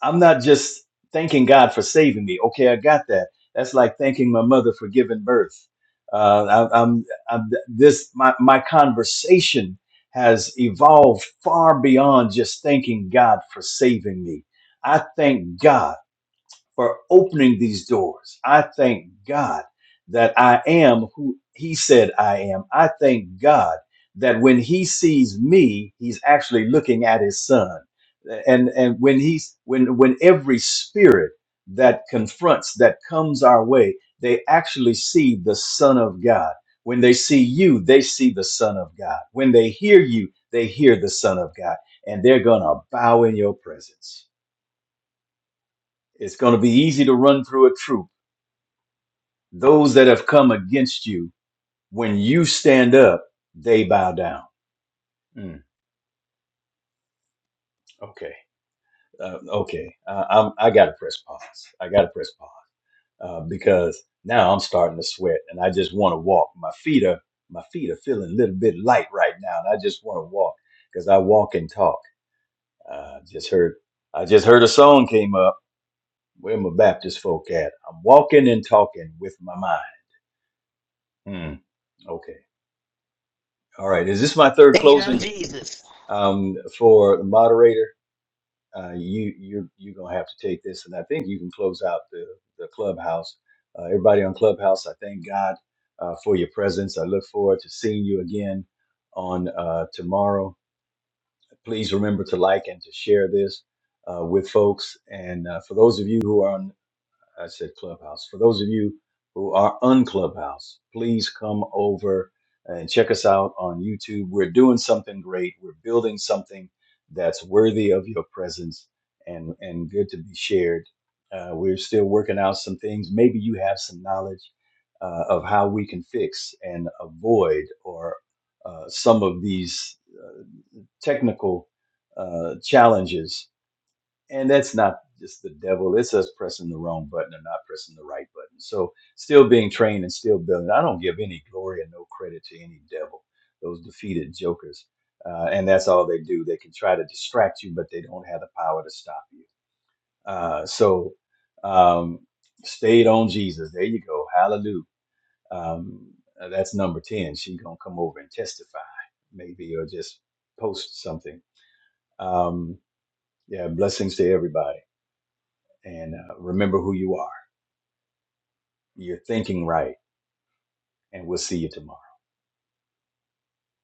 S3: I'm not just thanking God for saving me. Okay, I got that. That's like thanking my mother for giving birth. Uh, I, I'm, I'm this my my conversation has evolved far beyond just thanking God for saving me. I thank God for opening these doors. I thank God that I am who He said I am. I thank God that when He sees me, He's actually looking at His Son. And and when He's when when every spirit that confronts that comes our way, they actually see the Son of God. When they see you, they see the Son of God. When they hear you, they hear the Son of God, and they're gonna bow in your presence. It's going to be easy to run through a troop those that have come against you, when you stand up, they bow down. Mm, okay. Uh, okay. Uh, I'm, I got to press pause. I got to press pause uh, because now I'm starting to sweat and I just want to walk. My feet are my feet are feeling a little bit light right now, and I just want to walk because I walk and talk. Uh, just heard I just heard a song came up. Where my Baptist folk at? I'm walking and talking with my mind. Mm, okay. All right. Is this my third
S4: Date
S3: closing?
S4: on Jesus.
S3: Um, for the moderator, uh, you you're you're gonna have to take this, and I think you can close out the the clubhouse. Uh, everybody on clubhouse, I thank God uh, for your presence. I look forward to seeing you again on uh, tomorrow. Please remember to like and to share this uh, with folks. And uh, for those of you who are on I said Clubhouse. For those of you who are on Clubhouse, please come over and check us out on YouTube. We're doing something great. We're building something that's worthy of your presence and and good to be shared. Uh, we're still working out some things. Maybe you have some knowledge uh, of how we can fix and avoid or uh, some of these technical uh, challenges and that's not just the devil it's us pressing the wrong button or not pressing the right button so still being trained and still building i don't give any glory and no credit to any devil those defeated jokers uh, and that's all they do they can try to distract you but they don't have the power to stop you uh, so um, stayed on jesus there you go hallelujah um, uh, that's number 10 She's gonna come over and testify maybe or just post something um, yeah blessings to everybody and uh, remember who you are. You're thinking right, and we'll see you tomorrow.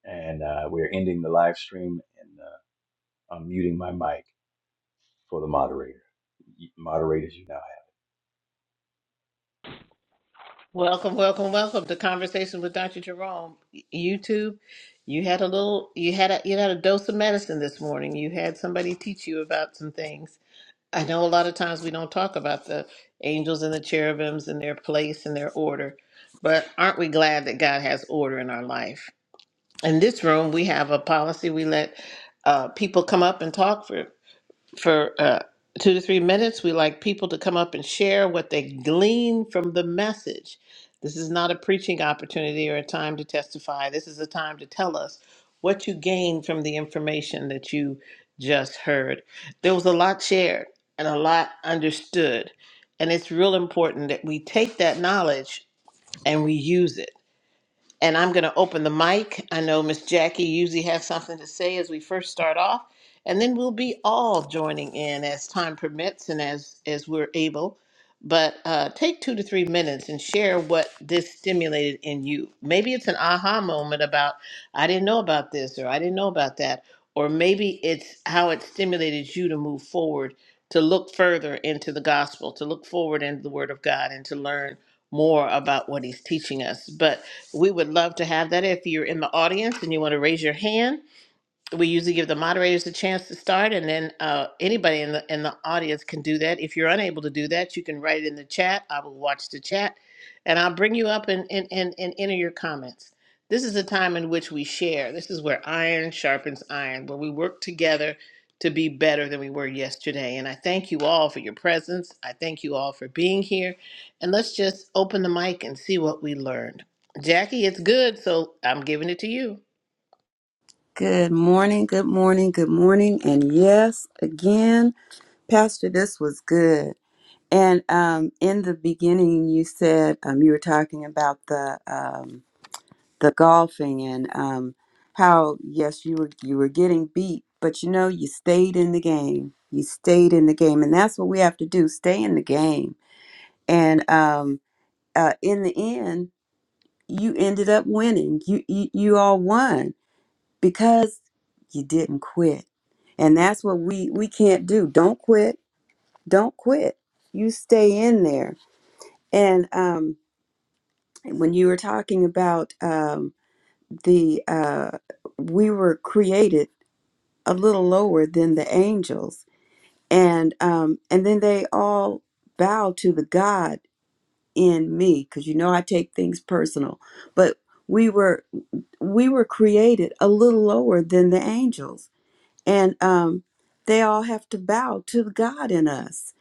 S3: And uh, we're ending the live stream, and uh, I'm muting my mic for the moderator. Moderators, you know it.
S4: Welcome, welcome, welcome to Conversation with Dr. Jerome. YouTube, you had a little, you had a, you had a dose of medicine this morning. You had somebody teach you about some things. I know a lot of times we don't talk about the angels and the cherubims and their place and their order, but aren't we glad that God has order in our life? In this room, we have a policy. We let uh, people come up and talk for for uh, two to three minutes. We like people to come up and share what they glean from the message. This is not a preaching opportunity or a time to testify. This is a time to tell us what you gained from the information that you just heard. There was a lot shared and a lot understood. And it's real important that we take that knowledge and we use it and I'm going to open the mic. I know Miss Jackie usually has something to say as we first start off, and then we'll be all joining in as time permits and as as we're able. But uh, take two to three minutes and share what this stimulated in you. Maybe it's an aha moment about I didn't know about this or I didn't know about that, or maybe it's how it stimulated you to move forward, to look further into the gospel, to look forward into the Word of God, and to learn more about what He's teaching us. But we would love to have that. If you're in the audience and you want to raise your hand, we usually give the moderators a chance to start, and then uh, anybody in the in the audience can do that. If you're unable to do that, you can write it in the chat. I will watch the chat, and I'll bring you up and and and, and enter your comments. This is a time in which we share. This is where iron sharpens iron, where we work together to be better than we were yesterday. And I thank you all for your presence. I thank you all for being here. And let's just open the mic and see what we learned. Jackie, it's good, so I'm giving it to you.
S2: Good morning, good morning, good morning. And yes, again, Pastor, this was good. And um, in the beginning, you said um, you were talking about the um, the golfing and um, how yes, you were you were getting beat, but you know you stayed in the game. You stayed in the game, and that's what we have to do: stay in the game. And um, uh, in the end, you ended up winning. You you, you all won because you didn't quit. And that's what we we can't do. Don't quit. Don't quit. You stay in there. And um, when you were talking about um, the uh, we were created a little lower than the angels, and um, and then they all bow to the God in me because you know I take things personal, but we were we were created a little lower than the angels and um, they all have to bow to the God in us,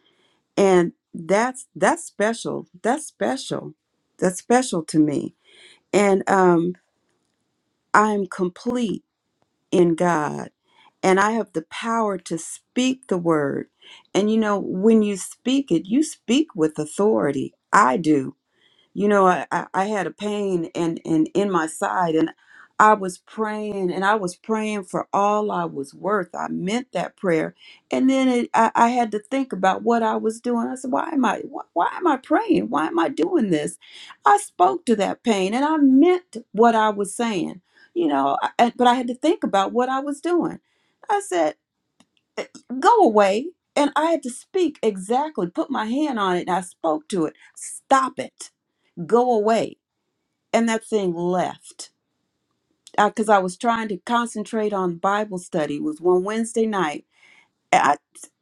S2: and that's that's special. That's special. That's special to me, and um, I'm complete in God, and I have the power to speak the word. And you know, when you speak it, you speak with authority. I do you know I, I I had a pain and and in my side and i was praying and i was praying for all i was worth i meant that prayer and then it, I, I had to think about what i was doing i said why am i why, why am i praying why am i doing this i spoke to that pain and i meant what i was saying you know I, I- but i had to think about what i was doing i said "Eh, go away and i had to speak exactly put my hand on it and i spoke to it stop it go away and that thing left because I, was trying to concentrate on bible study it was one wednesday night and I,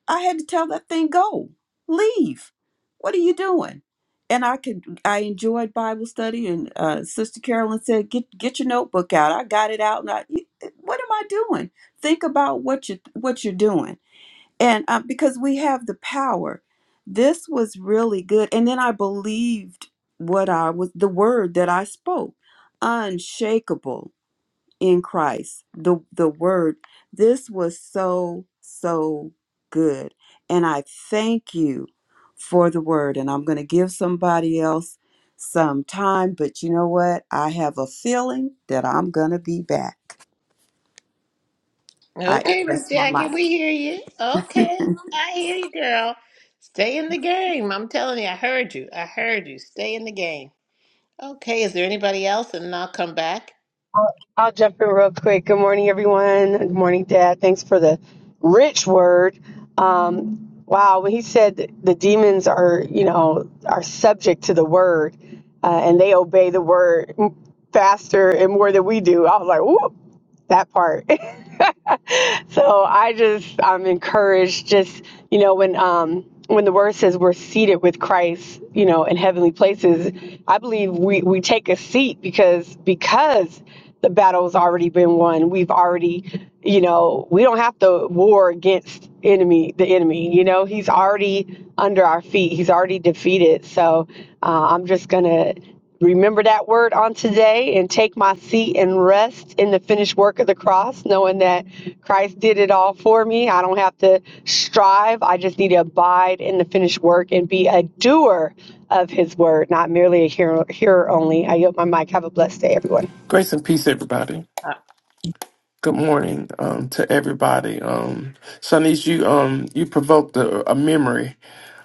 S2: I had to tell that thing go leave what are you doing and i could i enjoyed bible study and uh, sister carolyn said get get your notebook out i got it out and i what am i doing think about what you what you're doing and uh, because we have the power this was really good and then i believed what i was the word that i spoke unshakable in christ the the word this was so so good and i thank you for the word and i'm going to give somebody else some time but you know what i have a feeling that i'm going to be back i
S4: Okay, Miss
S2: rest my
S4: Jackie, we
S2: mic.
S4: hear you. Okay, I hear you, girl. Stay in the game. I'm telling you, I heard you. I heard you. Stay in the game. Okay, is there anybody else? And I'll come back.
S5: I'll I'll jump in real quick. Good morning, everyone. Good morning, Dad. Thanks for the rich word. Um, wow, when he said that the demons are, you know, are subject to the word, uh, and they obey the word faster and more than we do, I was like, "Ooh, that part." so I just I'm encouraged. Just you know when um when the word says we're seated with Christ, you know, in heavenly places, I believe we we take a seat because because the battle's already been won. We've already you know we don't have to war against enemy the enemy you know he's already under our feet he's already defeated so uh, i'm just gonna remember that word on today and take my seat and rest in the finished work of the cross, knowing that Christ did it all for me. I don't have to strive. I just need to abide in the finished work and be a doer of his word, not merely a hearer, hearer only. I yield my mic. Have a blessed day, everyone.
S1: Grace and peace, everybody.
S4: Uh,
S1: Good morning um, to everybody. Um, Shanice, you um, you provoked a, a memory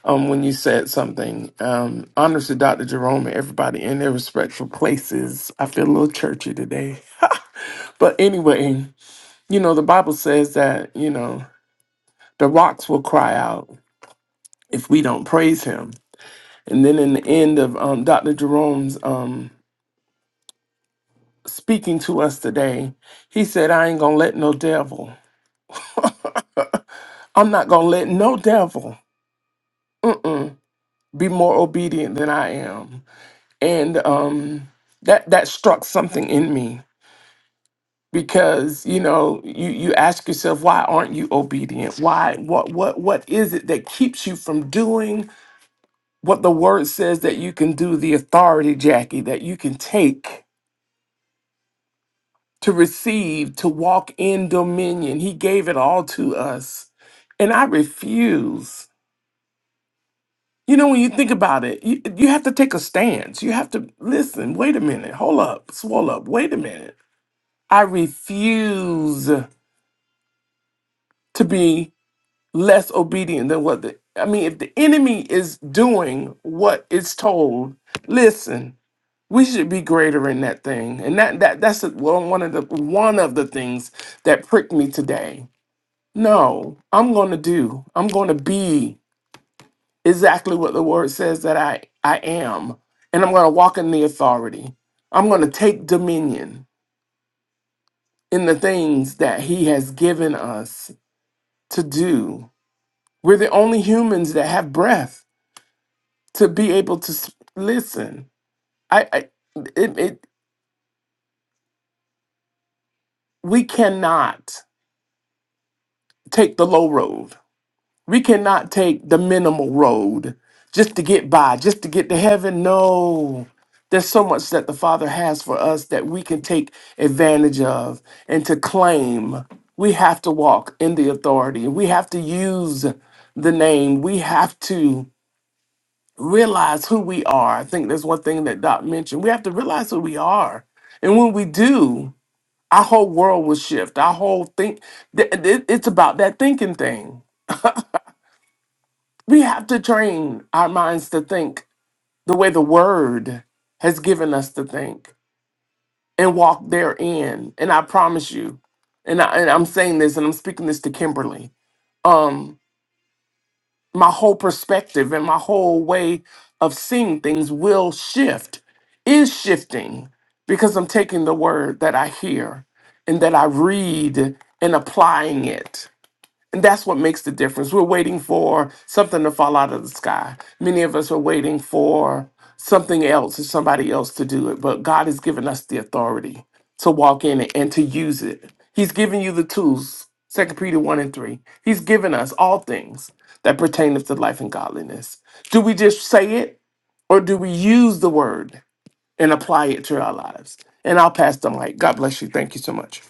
S1: um, when you said something. Um, honors to Dr. Jerome and everybody in their respectful places. I feel a little churchy today. But anyway, you know, the Bible says that, you know, the rocks will cry out if we don't praise him. And then in the end of um, Dr. Jerome's um, speaking to us today, he said, I ain't going to let no devil. I'm not going to let no devil. Mm-mm be more obedient than I am. And um, that that struck something in me because you know you you ask yourself why aren't you obedient? Why what what what is it that keeps you from doing what the word says that you can do? The authority, Jackie, that you can take to receive to walk in dominion. He gave it all to us, and I refuse. You know, when you think about it, you, you have to take a stance. You have to listen, wait a minute, hold up, swallow up, wait a minute. I refuse to be less obedient than what the, I mean, if the enemy is doing what it's told, listen, we should be greater in that thing. And that, that that's the- one one of the, one of the things that pricked me today. No, I'm going to do, I'm going to be exactly what the word says that I, I am. And I'm going to walk in the authority. I'm going to take dominion in the things that He has given us to do. We're the only humans that have breath to be able to s- listen. I, I it, it, we cannot take the low road. We cannot take the minimal road just to get by, just to get to heaven. No. There's so much that the Father has for us that we can take advantage of and to claim. We have to walk in the authority. We have to use the name. We have to realize who we are. I think there's one thing that Doc mentioned. We have to realize who we are. And when we do, our whole world will shift. Our whole think, th- th- it's about that thinking thing We have to train our minds to think the way the word has given us to think and walk therein. And I promise you, and, I, and I'm saying this and I'm speaking this to Kimberly, um, my whole perspective and my whole way of seeing things will shift, is shifting because I'm taking the word that I hear and that I read and applying it And that's what makes the difference. We're waiting for something to fall out of the sky. Many of us are waiting for something else or somebody else to do it, but God has given us the authority to walk in it and to use it. He's given you the tools, Second Peter 1 and 3. He's given us all things that pertain to life and godliness. Do we just say it or do we use the word and apply it to our lives? And I'll pass the mic. God bless you. Thank you so much.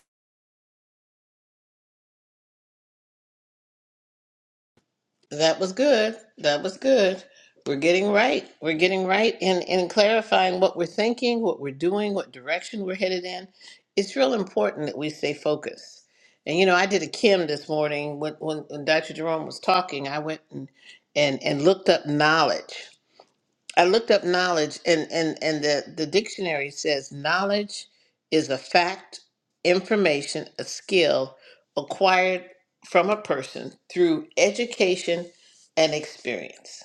S4: That was good. That was good. We're getting right. We're getting right in, in clarifying what we're thinking, what we're doing, what direction we're headed in. It's real important that we stay focused. And you know, I did a Kim this morning when, when, when Dr. Jerome was talking. I went and and and looked up knowledge. I looked up knowledge, and and and the the dictionary says knowledge is a fact, information, a skill acquired from a person through education and experience.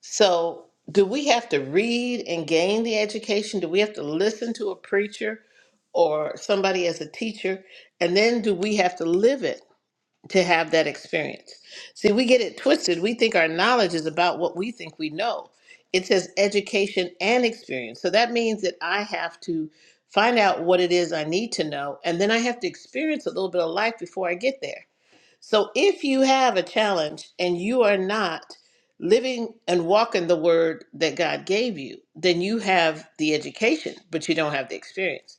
S4: So, do we have to read and gain the education? Do we have to listen to a preacher or somebody as a teacher? And then do we have to live it? to have that experience. See, we get it twisted. We think our knowledge is about what we think we know. It says education and experience. So that means that I have to find out what it is I need to know, and then I have to experience a little bit of life before I get there. So if you have a challenge and you are not living and walking the word that God gave you, then you have the education, but you don't have the experience.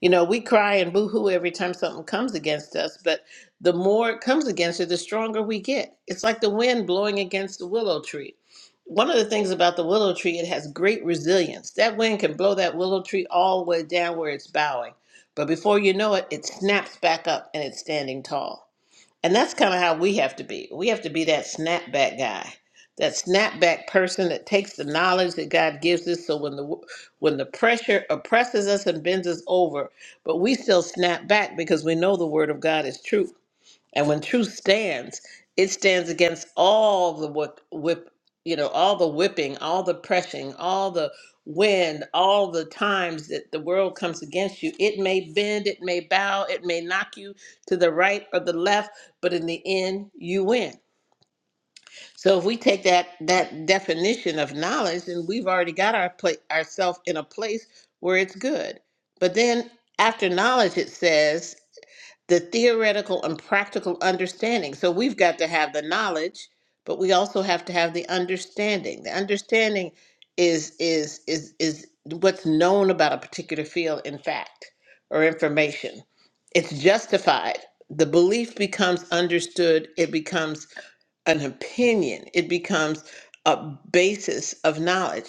S4: You know, we cry and boo-hoo every time something comes against us, but the more it comes against you, the stronger we get. It's like the wind blowing against the willow tree. One of the things about the willow tree, it has great resilience. That wind can blow that willow tree all the way down where it's bowing, but before you know it, it snaps back up and it's standing tall. And that's kind of how we have to be. We have to be that snapback guy, that snapback person that takes the knowledge that God gives us. So when the when the pressure oppresses us and bends us over, but we still snap back because we know the word of God is true. And when truth stands, it stands against all the whip, whip you know, all the whipping, all the pressing, all the wind, all the times that the world comes against you. It may bend, it may bow, it may knock you to the right or the left, but in the end, you win. So if we take that that definition of knowledge, then we've already got our pla- ourselves in a place where it's good. But then after knowledge, it says the theoretical and practical understanding. So we've got to have the knowledge, but we also have to have the understanding. The understanding is is is is what's known about a particular field in fact or information. It's justified. The belief becomes understood, it becomes an opinion, it becomes a basis of knowledge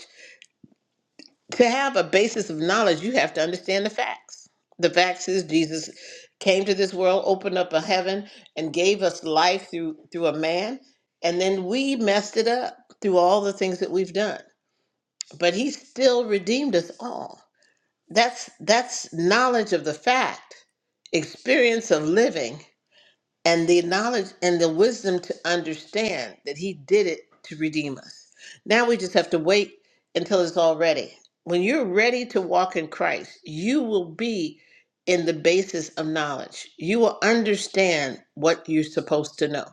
S4: to have a basis of knowledge, you have to understand the facts. The facts is Jesus came to this world, opened up a heaven, and gave us life through through a man, and then we messed it up through all the things that we've done. But he still redeemed us all. That's that's knowledge of the fact, experience of living, and the knowledge and the wisdom to understand that he did it to redeem us. Now we just have to wait until it's all ready. When you're ready to walk in Christ, you will be in the basis of knowledge. You will understand what you're supposed to know.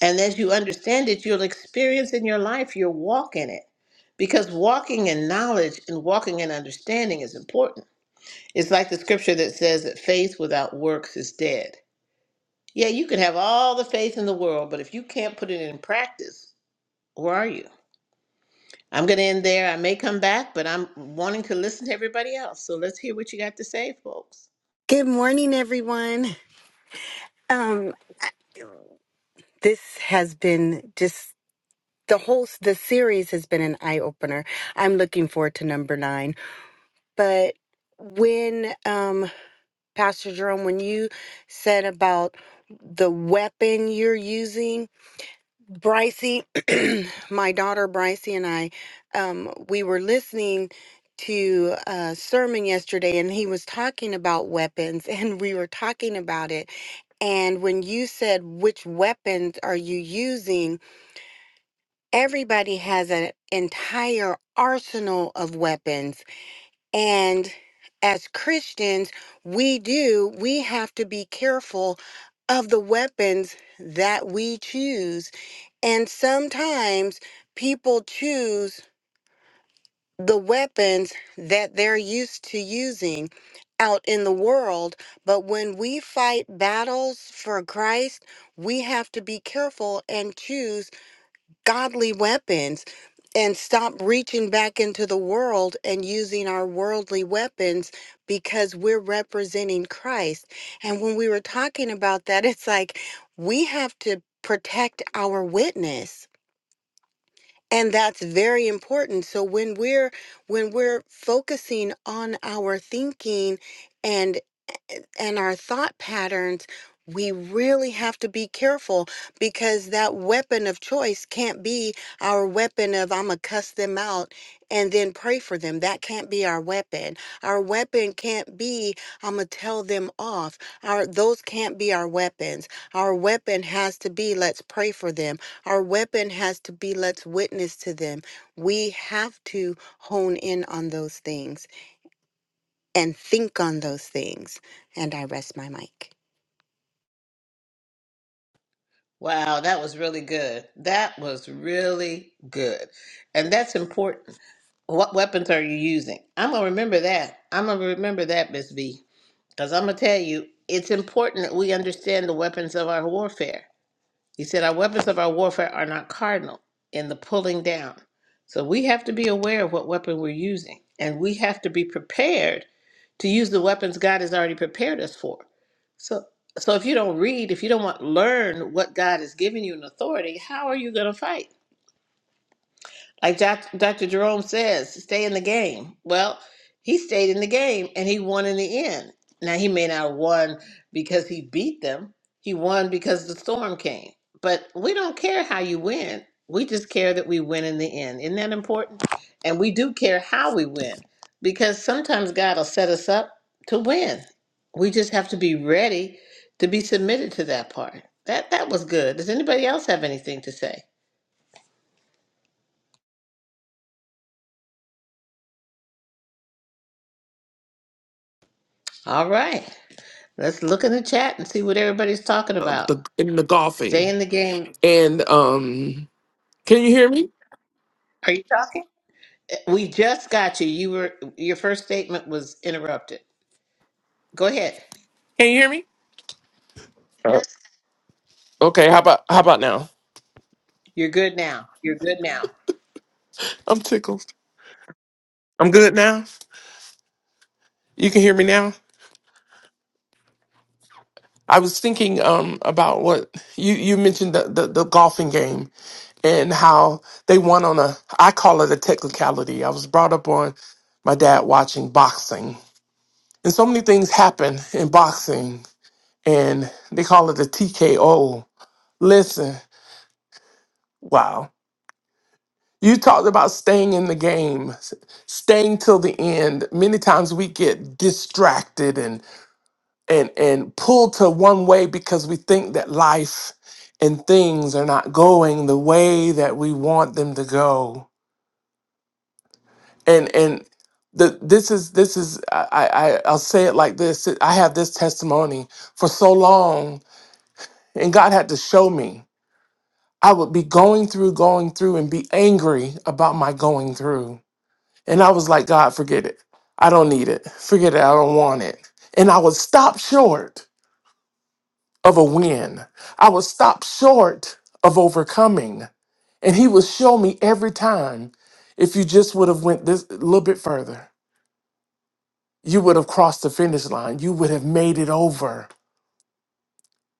S4: And as you understand it, you'll experience in your life, you'll walk in it. Because walking in knowledge and walking in understanding is important. It's like the scripture that says that faith without works is dead. Yeah, you can have all the faith in the world, but if you can't put it in practice, where are you? I'm going to end there. I may come back, but I'm wanting to listen to everybody else. So let's hear what you got to say, folks.
S6: Good morning, everyone. Um, this has been just the whole the series has been an eye opener. I'm looking forward to number nine. But when um, Pastor Jerome, when you said about the weapon you're using, Brycey, my daughter Brycey and I, um, we were listening to a sermon yesterday and he was talking about weapons and we were talking about it. And when you said, which weapons are you using? Everybody has an entire arsenal of weapons. And as Christians, we do, we have to be careful of the weapons that we choose and sometimes people choose the weapons that they're used to using out in the world. But when we fight battles for Christ, we have to be careful and choose godly weapons and stop reaching back into the world and using our worldly weapons because we're representing Christ. And when we were talking about that, it's like we have to protect our witness and that's very important so when we're when we're focusing on our thinking and and our thought patterns, we really have to be careful because that weapon of choice can't be our weapon of I'm going to cuss them out and then pray for them. That can't be our weapon. Our weapon can't be I'm going to tell them off. Our those can't be our weapons. Our weapon has to be let's pray for them. Our weapon has to be let's witness to them. We have to hone in on those things and think on those things. And I rest my mic.
S4: Wow, that was really good. That was really good. And that's important. What weapons are you using? I'm going to remember that. I'm going to remember that, Miss V, because I'm going to tell you it's important that we understand the weapons of our warfare He said, Our weapons of our warfare are not cardinal in the pulling down. So we have to be aware of what weapon we're using, and we have to be prepared to use the weapons God has already prepared us for. So, so if you don't read, if you don't want learn what God has given you in authority, how are you going to fight? Like Doc- Dr. Jerome says, stay in the game. Well, he stayed in the game and he won in the end. Now, he may not have won because he beat them, he won because the storm came. But we don't care how you win. We just care that we win in the end. Isn't that important? And we do care how we win because sometimes God will set us up to win. We just have to be ready to be submitted to that part. That that was good. Does anybody else have anything to say? All right. Let's look in the chat and see what everybody's talking
S1: Uh,
S4: about.
S1: the, in the
S4: Stay
S1: golfing
S4: in the game.
S1: and um Can you hear me?
S4: Are you talking? We just got you. You were your first statement was interrupted. Go ahead.
S1: Can you hear me? Okay, how about how about now?
S4: You're good now. You're good now.
S1: I'm tickled. I'm good now. You can hear me now. I was thinking um about what you you mentioned the, the the golfing game and how they won on a I call it a technicality. I was brought up on my dad watching boxing. And so many things happen in boxing and they call it a TKO. Listen, wow. You talked about staying in the game, s- staying till the end. Many times we get distracted and and and pulled to one way because we think that life and things are not going the way that we want them to go. And and the, this is this is I, I I- I'll say it like this. I have this testimony for so long, and God had to show me. I would be going through, going through, and be angry about my going through And I was like, God, forget it. I don't need it. Forget it. I don't want it. And I was stopped short of a win. I was stopped short of overcoming. And he would show me every time if you just would have went this a little bit further, you would have crossed the finish line. You would have made it over.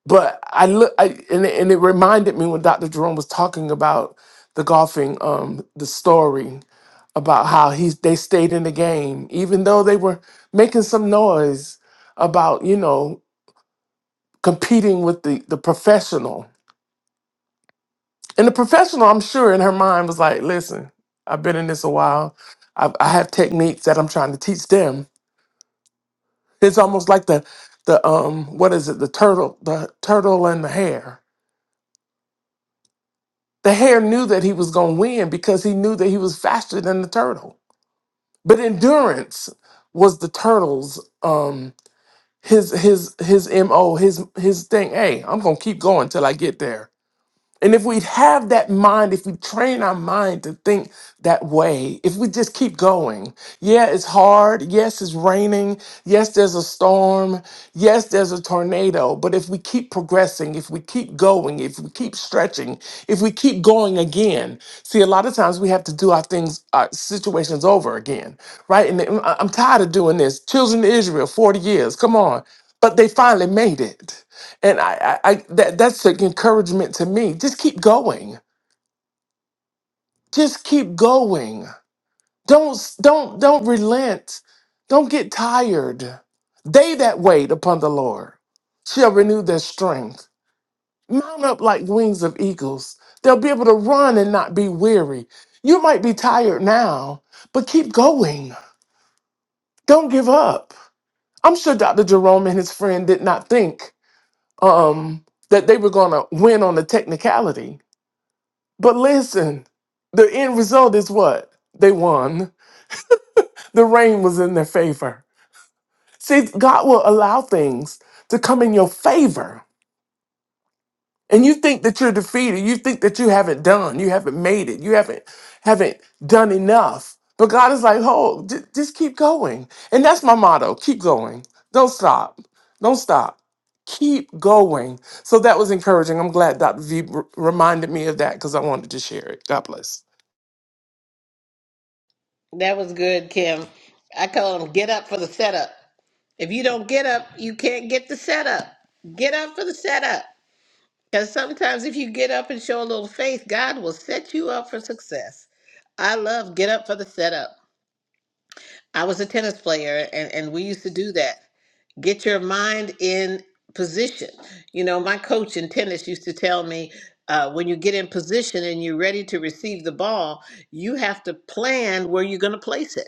S1: but I look, I, and, it- and it reminded me when Dr. Jerome was talking about the golfing, um, the story about how he's they stayed in the game, even though they were making some noise about you know competing with the the professional. And the professional, I'm sure, in her mind was like, "Listen, I've been in this a while. I, I have techniques that I'm trying to teach them." It's almost like the the um what is it the turtle the turtle and the hare The hare knew that he was going to win because he knew that he was faster than the turtle. But endurance was the turtle's um his his his mo his his thing. Hey, I'm gonna keep going till I get there. And if we have that mind, if we train our mind to think that way, if we just keep going, yeah, it's hard. Yes, it's raining. Yes, there's a storm. Yes, there's a tornado. But if we keep progressing, if we keep going, if we keep stretching, if we keep going again, see, a lot of times we have to do our things, our situations over again, right? And I'm I'm tired of doing this. Children of Israel, 40 years, come on. But they finally made it. And I, I, I that that's an encouragement to me. Just keep going. Just keep going. Don't s- don't don't relent. Don't get tired. They that wait upon the Lord shall renew their strength. Mount up like wings of eagles. They'll be able to run and not be weary. You might be tired now, but keep going. Don't give up. I'm sure Dr. Jerome and his friend did not think um, that they were going to win on the technicality But listen, the end result is what? They won. The rain was in their favor. See, God will allow things to come in your favor. And you think that you're defeated. You think that you haven't done. You haven't made it. You haven't haven't done enough. But God is like, oh, j- just keep going. And that's my motto. Keep going. Don't stop. Don't stop. Keep going. So that was encouraging. I'm glad Dr. V r- reminded me of that because I wanted to share it. God bless.
S4: That was good, Kim. I call them get up for the setup. If you don't get up, you can't get the setup. Get up for the setup. Because sometimes if you get up and show a little faith, God will set you up for success. I love get up for the setup. I was a tennis player and, and we used to do that. get your mind in position. You know, my coach in tennis used to tell me uh, when you get in position and you're ready to receive the ball, you have to plan where you're going to place it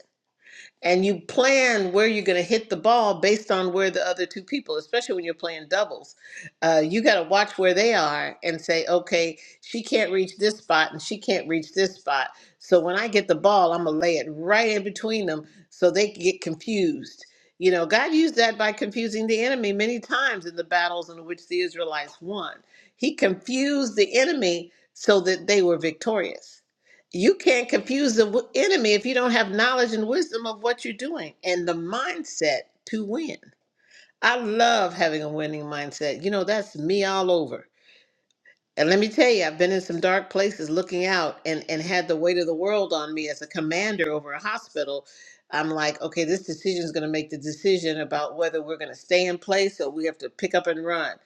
S4: and you plan where you're going to hit the ball based on where the other two people especially when you're playing doubles uh, you got to watch where they are and say okay she can't reach this spot and she can't reach this spot so when i get the ball i'm going to lay it right in between them so they can get confused you know god used that by confusing the enemy many times in the battles in which the israelites won he confused the enemy so that they were victorious you can't confuse the w- enemy if you don't have knowledge and wisdom of what you're doing and the mindset to win. I love having a winning mindset. You know, that's me all over. And let me tell you, I've been in some dark places looking out and, and had the weight of the world on me as a commander over a hospital. I'm like, okay, this decision is going to make the decision about whether we're going to stay in place or we have to pick up and run.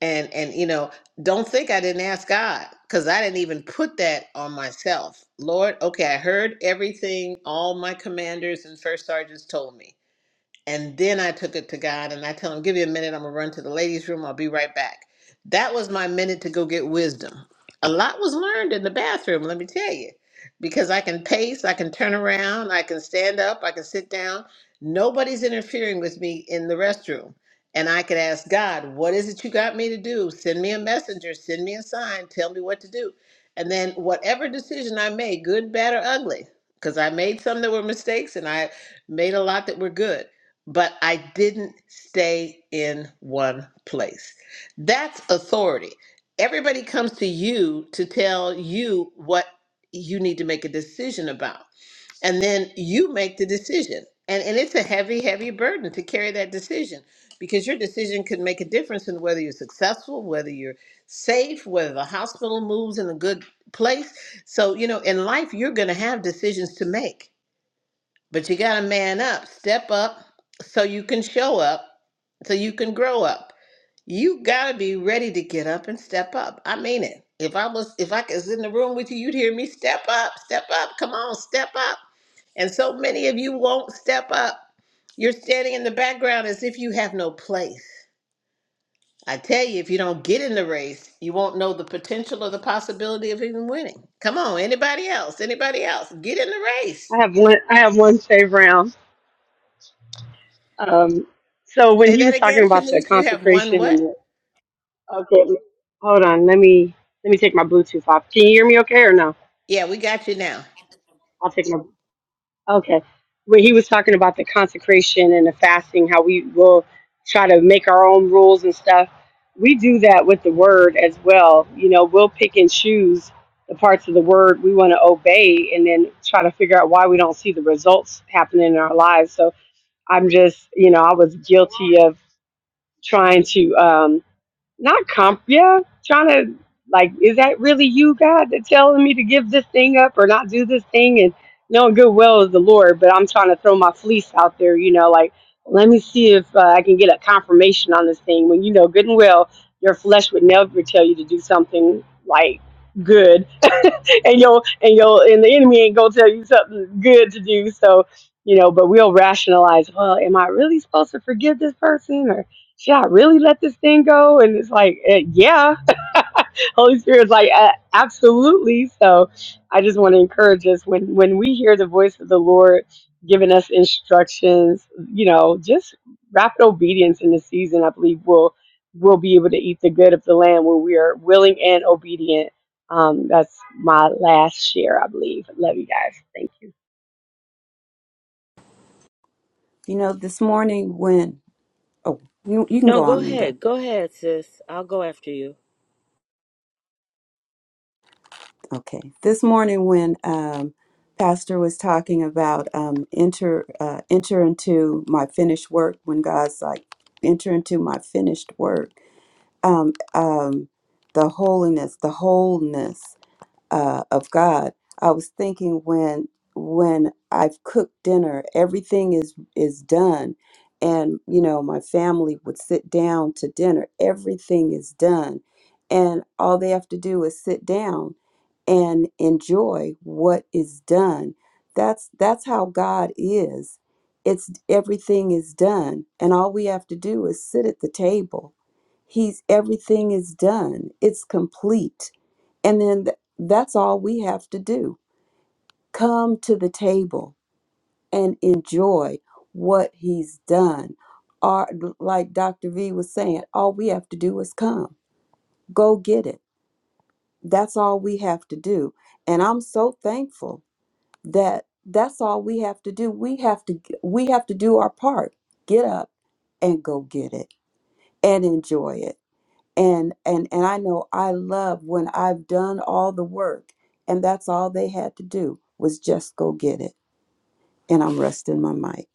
S4: And, and you know, don't think I didn't ask God because I didn't even put that on myself. Lord, okay, I heard everything all my commanders and first sergeants told me and then I took it to God and I tell him, give me a minute. I'm going to run to the ladies' room. I'll be right back. That was my minute to go get wisdom. A lot was learned in the bathroom, let me tell you, because I can pace, I can turn around, I can stand up, I can sit down. Nobody's interfering with me in the restroom. And I could ask God, what is it you got me to do? Send me a messenger, send me a sign, tell me what to do. And then whatever decision I made, good, bad, or ugly, because I made some that were mistakes and I made a lot that were good but I didn't stay in one place. That's authority. Everybody comes to you to tell you what you need to make a decision about. And then you make the decision. And, and it's a heavy, heavy burden to carry that decision because your decision could make a difference in whether you're successful, whether you're safe, whether the hospital moves in a good place. So, you know, in life, you're going to have decisions to make but you got to man up, step up so you can show up, so you can grow up. You got to be ready to get up and step up. I mean it. If I was if I was in the room with you, you'd hear me step up, step up. Come on, step up. And so many of you won't step up. You're standing in the background as if you have no place. I tell you, if you don't get in the race, you won't know the potential or the possibility of even winning. Come on, anybody else? Anybody else? Get in the race.
S5: I have one. I have one save round. Um, so when
S4: Say
S5: he
S4: that
S5: was talking
S4: again,
S5: about the
S4: Shanice. You have one
S5: consecration and
S4: what?
S5: the okay, hold on, let me let me take my Bluetooth off. Can you hear me okay or no?
S4: Yeah, we got you now.
S5: I'll take my Okay. Where he was talking about the consecration and the fasting, how we will try to make our own rules and stuff. We do that with the word as well. You know, we'll pick and choose the parts of the word we want to obey and then try to figure out why we don't see the results happening in our lives. So I'm just, you know, I was guilty of trying to. um, not comp, yeah. Trying to like, is that really you, God, that's telling me to give this thing up or not do this thing? And knowing good well is the Lord, but I'm trying to throw my fleece out there, you know, like let me see if uh, I can get a confirmation on this thing. When you know good and well, your flesh would never tell you to do something like good and you'll and you'll and the enemy ain't gonna tell you something good to do. So you know, but we'll rationalize. Well, am I really supposed to forgive this person, or should I really let this thing go? And it's like, eh, yeah, Holy Spirit's like, "Uh, absolutely. So I just want to encourage us when when we hear the voice of the Lord giving us instructions, you know, just rapid obedience in the season. I believe we'll we'll be able to eat the good of the land when we are willing and obedient. Um, that's my last share, I believe. Love you guys. Thank
S2: you know this morning when Oh, you you can
S7: No,
S2: go
S7: go
S2: on, Linda.
S7: ahead. Go ahead, sis. I'll go after you.
S2: Okay. This morning when um Pastor was talking about um enter uh enter into my finished work when God's like enter into my finished work. Um um the holiness, the wholeness. uh, of God. I was thinking when when I've cooked dinner, everything is is done, and you know my family would sit down to dinner. Everything is done, and all they have to do is sit down and enjoy what is done. That's that's how God is. It's everything is done, and all we have to do is sit at the table. He's everything is done. It's complete and then th- that's all we have to do. Come to the table and enjoy what he's done. Or, like Dr. V was saying, all we have to do is come, go get it. That's all we have to do. And I'm so thankful that that's all we have to do. We have to we have to do our part. Get up and go get it and enjoy it and and and I know I love when I've done all the work and that's all they had to do was just go get it and I'm resting my mic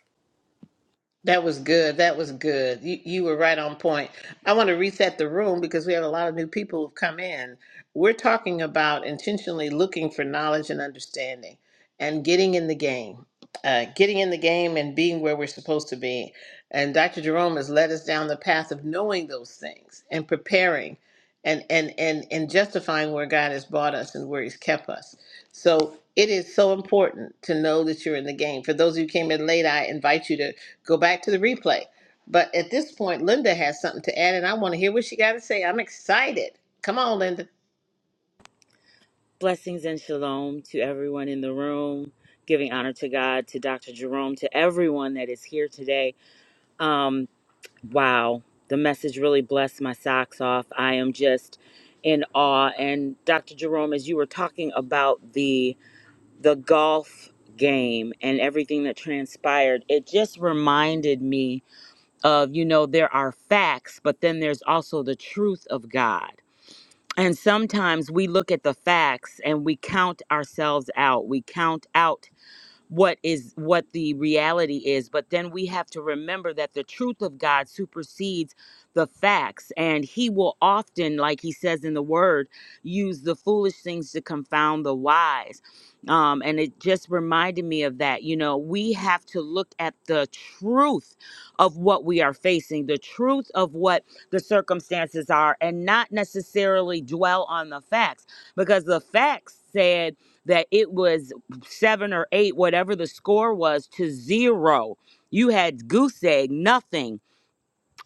S4: That was good. That was good. You you were right on point. I want to reset the room because we have a lot of new people who've come in. We're talking about intentionally looking for knowledge and understanding and getting in the game. Uh, getting in the game and being where we're supposed to be. And Dr. Jerome has led us down the path of knowing those things and preparing and and and and justifying where God has brought us and where he's kept us. So it is so important to know that you're in the game. For those of you who came in late, I invite you to go back to the replay. But at this point, Linda has something to add, and I want to hear what she got to say. I'm excited. Come on, Linda.
S7: Blessings and shalom to everyone in the room, giving honor to God, to Dr. Jerome, to everyone that is here today. Um, wow, the message really blessed my socks off. I am just in awe. And Dr. Jerome, as you were talking about the the golf game and everything that transpired, it just reminded me of, you know, there are facts, but then there's also the truth of God And sometimes we look at the facts and we count ourselves out. We count out what is what the reality is but then we have to remember that the truth of god supersedes the facts and he will often like he says in the word use the foolish things to confound the wise um, and it just reminded me of that you know we have to look at the truth of what we are facing the truth of what the circumstances are and not necessarily dwell on the facts because the facts said that it was seven or eight, whatever the score was, to zero. You had goose egg, nothing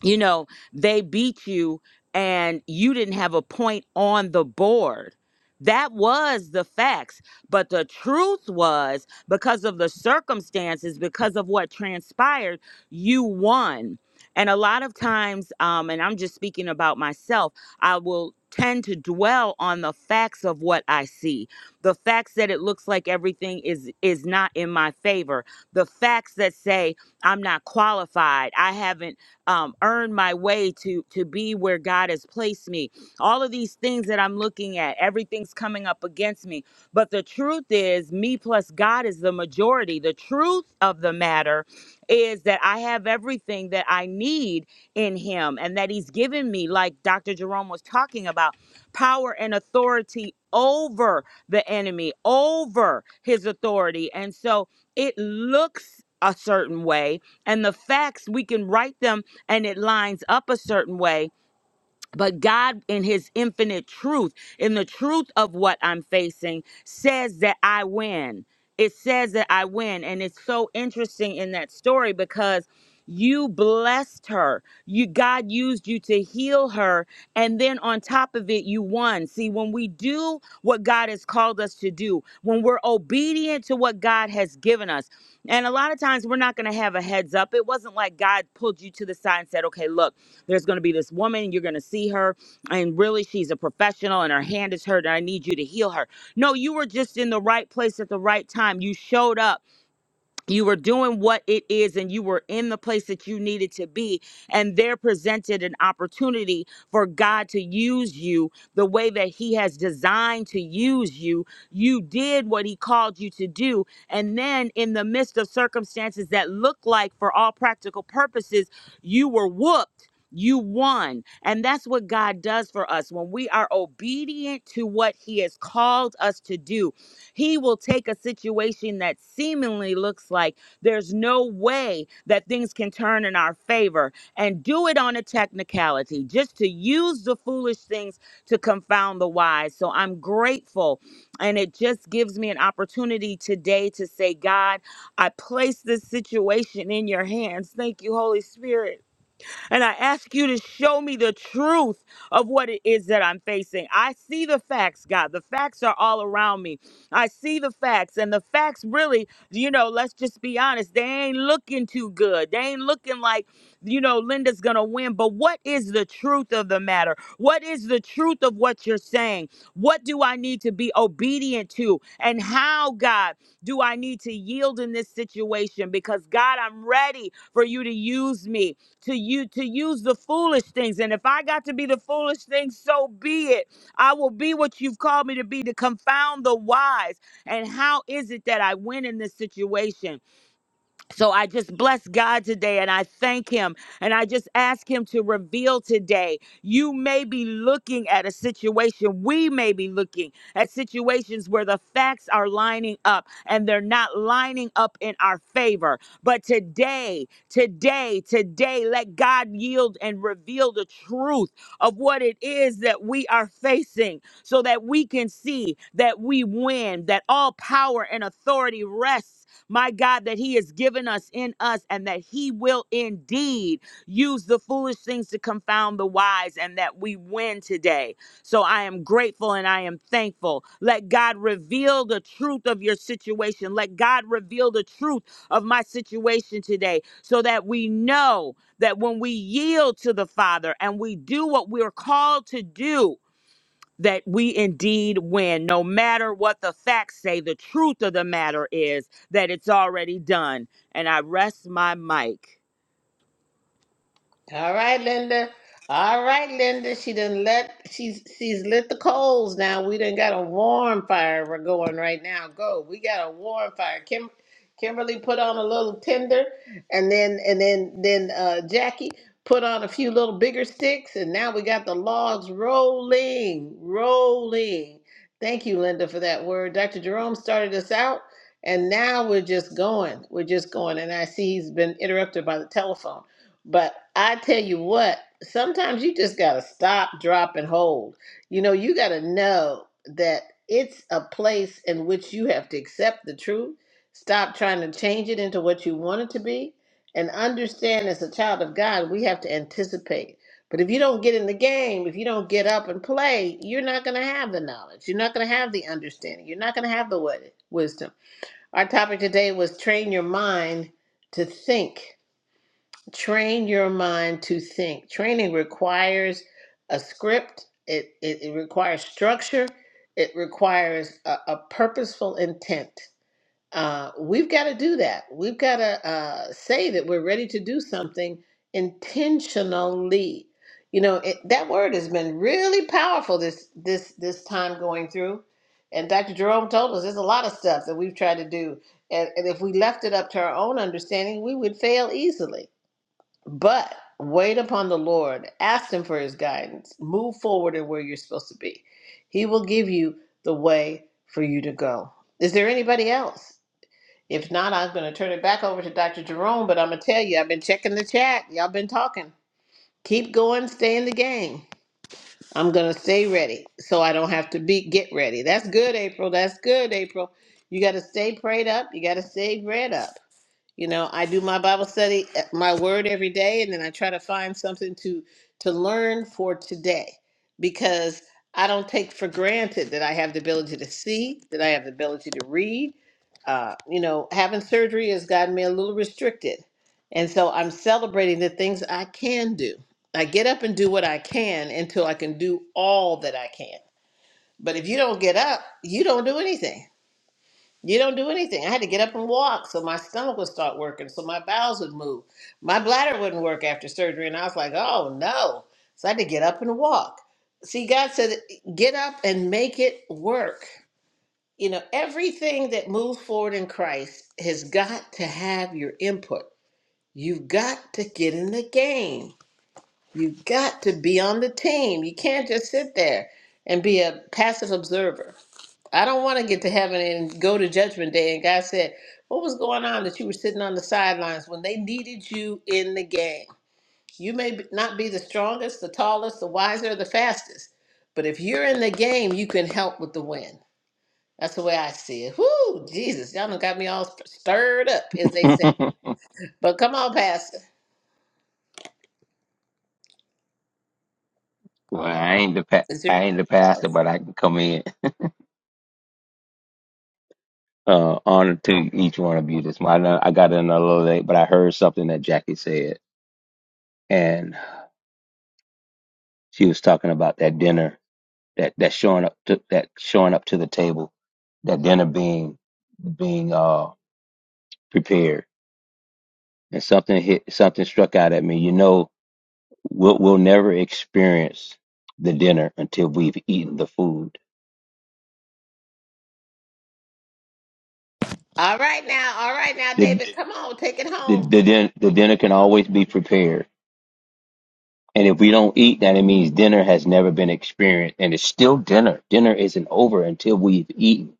S7: you know, they beat you and you didn't have a point on the board. That was the facts. But the truth was, because of the circumstances, because of what transpired, you won. And a lot of times, um, and I'm just speaking about myself, I will tend to dwell on the facts of what I see. The facts that it looks like everything is is not in my favor. The facts that say I'm not qualified. I haven't um, earn my way to to be where God has placed me. All of these things that I'm looking at, everything's coming up against me. But the truth is, me plus God is the majority. The truth of the matter is that I have everything that I need in Him, and that He's given me, like Dr. Jerome was talking about, power and authority over the enemy, over His authority, and so it looks a certain way and the facts we can write them and it lines up a certain way but God, in His infinite truth, in the truth of what I'm facing, says that I win. It says that I win. And it's so interesting in that story because you blessed her. You God used you to heal her and then on top of it you won. See, when we do what God has called us to do, when we're obedient to what God has given us. And a lot of times we're not going to have a heads up. It wasn't like God pulled you to the side and said, "Okay, look, there's going to be this woman, you're going to see her, and really she's a professional and her hand is hurt, and I need you to heal her. No, you were just in the right place at the right time. You showed up you were doing what it is and you were in the place that you needed to be and there presented an opportunity for god to use you the way that he has designed to use you you did what he called you to do and then in the midst of circumstances that look like for all practical purposes you were whooped you won. And that's what God does for us. When we are obedient to what He has called us to do, he will take a situation that seemingly looks like there's no way that things can turn in our favor and do it on a technicality, just to use the foolish things to confound the wise. So I'm grateful. And it just gives me an opportunity today to say, God, I place this situation in your hands. Thank you, Holy Spirit and I ask you to show me the truth of what it is that I'm facing. I see the facts, God. The facts are all around me. I see the facts, and the facts really, you know, let's just be honest, they ain't looking too good. They ain't looking like, you know, Linda's gonna win. But what is the truth of the matter? What is the truth of what you're saying? What do I need to be obedient to? And how, God, do I need to yield in this situation? Because, God, I'm ready for you to use me to you to use the foolish things. And if I got to be the foolish thing, so be it. I will be what you've called me to be to confound the wise. And how is it that I win in this situation? So I just bless God today and I thank him and I just ask him to reveal today. You may be looking at a situation, we may be looking at situations where the facts are lining up and they're not lining up in our favor. But today, today, today, let God yield and reveal the truth of what it is that we are facing so that we can see that we win, that all power and authority rests my God, that He has given us in us, and that He will indeed use the foolish things to confound the wise, and that we win today. So I am grateful and I am thankful. Let God reveal the truth of your situation. Let God reveal the truth of my situation today so that we know that when we yield to the Father and we do what we're called to do, that we indeed win, no matter what the facts say. The truth of the matter is that it's already done. And I rest my mic.
S4: All right, Linda. All right, Linda. She done let she's she's lit the coals now. We done got a warm fire we're going right now. Go. We got a warm fire. Kim Kimberly put on a little tinder and then and then then uh Jackie put on a few little bigger sticks and now we got the logs rolling, rolling. Thank you, Linda, for that word. Dr. Jerome started us out and now we're just going. We're just going. And I see he's been interrupted by the telephone. But I tell you what, sometimes you just got to stop, drop, and hold. You know, you got to know that it's a place in which you have to accept the truth, stop trying to change it into what you want it to be, and understand as a child of God, we have to anticipate. But if you don't get in the game, if you don't get up and play, you're not going to have the knowledge. You're not going to have the understanding. You're not going to have the wi- wisdom. Our topic today was train your mind to think train your mind to think. Training requires a script, it, it, it requires structure, it requires a, a purposeful intent. Uh, we've got to do that. We've got to uh, say that we're ready to do something intentionally. You know, it, that word has been really powerful this this this time going through. And Dr. Jerome told us there's a lot of stuff that we've tried to do. And, and if we left it up to our own understanding, we would fail easily but wait upon the Lord, ask Him for His guidance, move forward in where you're supposed to be. He will give you the way for you to go. Is there anybody else? If not, I'm going to turn it back over to Dr. Jerome, but I'm going to tell you, I've been checking the chat. Y'all been talking. Keep going, stay in the game. I'm going to stay ready so I don't have to be get ready. That's good, April. That's good, April. You got to stay prayed up. You got to stay read up you know i do my bible study uh, my word every day and then i try to find something to to learn for today because i don't take for granted that i have the ability to see that i have the ability to read uh, you know having surgery has gotten me a little restricted and so i'm celebrating the things i can do i get up and do what i can until i can do all that i can but if you don't get up you don't do anything you don't do anything. I had to get up and walk so my stomach would start working, so my bowels would move. My bladder wouldn't work after surgery, and I was like, oh no. So I had to get up and walk. See, God said, get up and make it work. You know, everything that moves forward in Christ has got to have your input. You've got to get in the game. You've got to be on the team. You can't just sit there and be a passive observer I don't want to get to heaven and go to judgment day. And God said, What was going on that you were sitting on the sidelines when they needed you in the game? You may be- not be the strongest, the tallest, the wiser, the fastest, but if you're in the game, you can help with the win. That's the way I see it. Whoo, Jesus, y'all done got me all stirred up, as they say.
S8: well,
S4: But come on, Pastor.
S8: I ain't the pa-
S4: Is there
S8: I ain't the
S4: anybody
S8: pastor,
S4: else?
S8: but I can come in. Uh, honor to each one of you this morning. I know I got in a little late, but I heard something that Jackie said, and she was talking about that dinner, that that showing up to that showing up to the table, that dinner being being uh prepared, and something hit something struck out at me. You know, we'll we'll never experience the dinner until we've eaten the food.
S4: All right now, all right now,
S8: the
S4: David, come on, take it
S8: the
S4: home.
S8: the, din- the dinner can always be prepared And if we don't eat, then it means dinner has never been experienced. And it's still dinner. Dinner isn't over until we've eaten.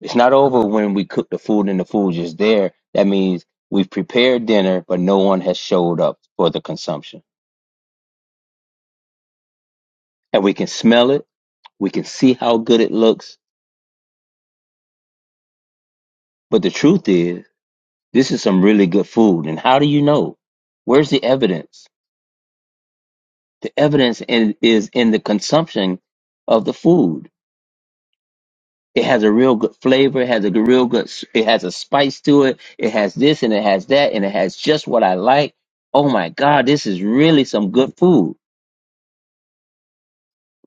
S8: It's not over when we cook the food and the food's just there. That means we've prepared dinner, but no one has showed up for the consumption. And we can smell it. We can see how good it looks. But the truth is, this is some really good food. And how do you know? Where's the evidence? The evidence in, is in the consumption of the food. It has a real good flavor. It has a real good. s- It has a spice to it. It has this and it has that and it has just what I like. Oh my God, this is really some good food.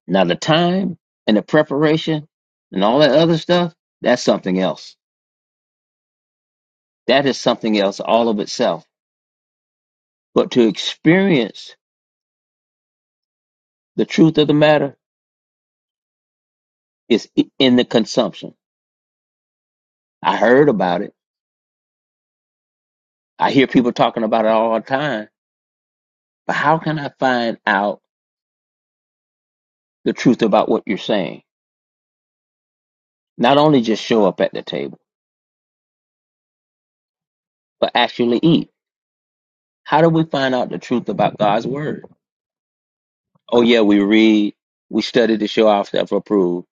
S8: Now the time and the preparation and all that other stuff, that's something else. That is something else all of itself. But to experience the truth of the matter is i- in the consumption. I heard about it. I hear people talking about it all the time. But how can I find out the truth about what you're saying? Not only just show up at the table, but actually eat. How do we find out the truth about God's word? Oh, yeah, we read, we study to show ourselves approved.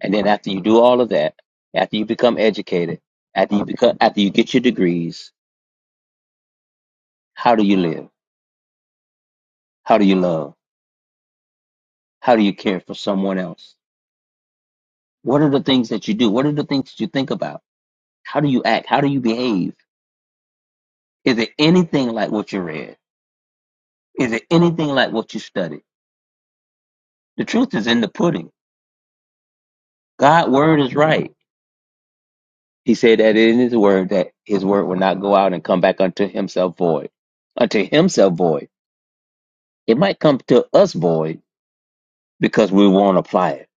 S8: And then after you do all of that, after you become educated, after you become, after you get your degrees, how do you live? How do you love? How do you care for someone else? What are the things that you do? What are the things that you think about? How do you act? How do you behave? Is it anything like what you read? Is it anything like what you studied? The truth is in the pudding. God's word is right. He said that in his word that his word will not go out and come back unto himself void. Unto himself void. It might come to us void because we won't apply it.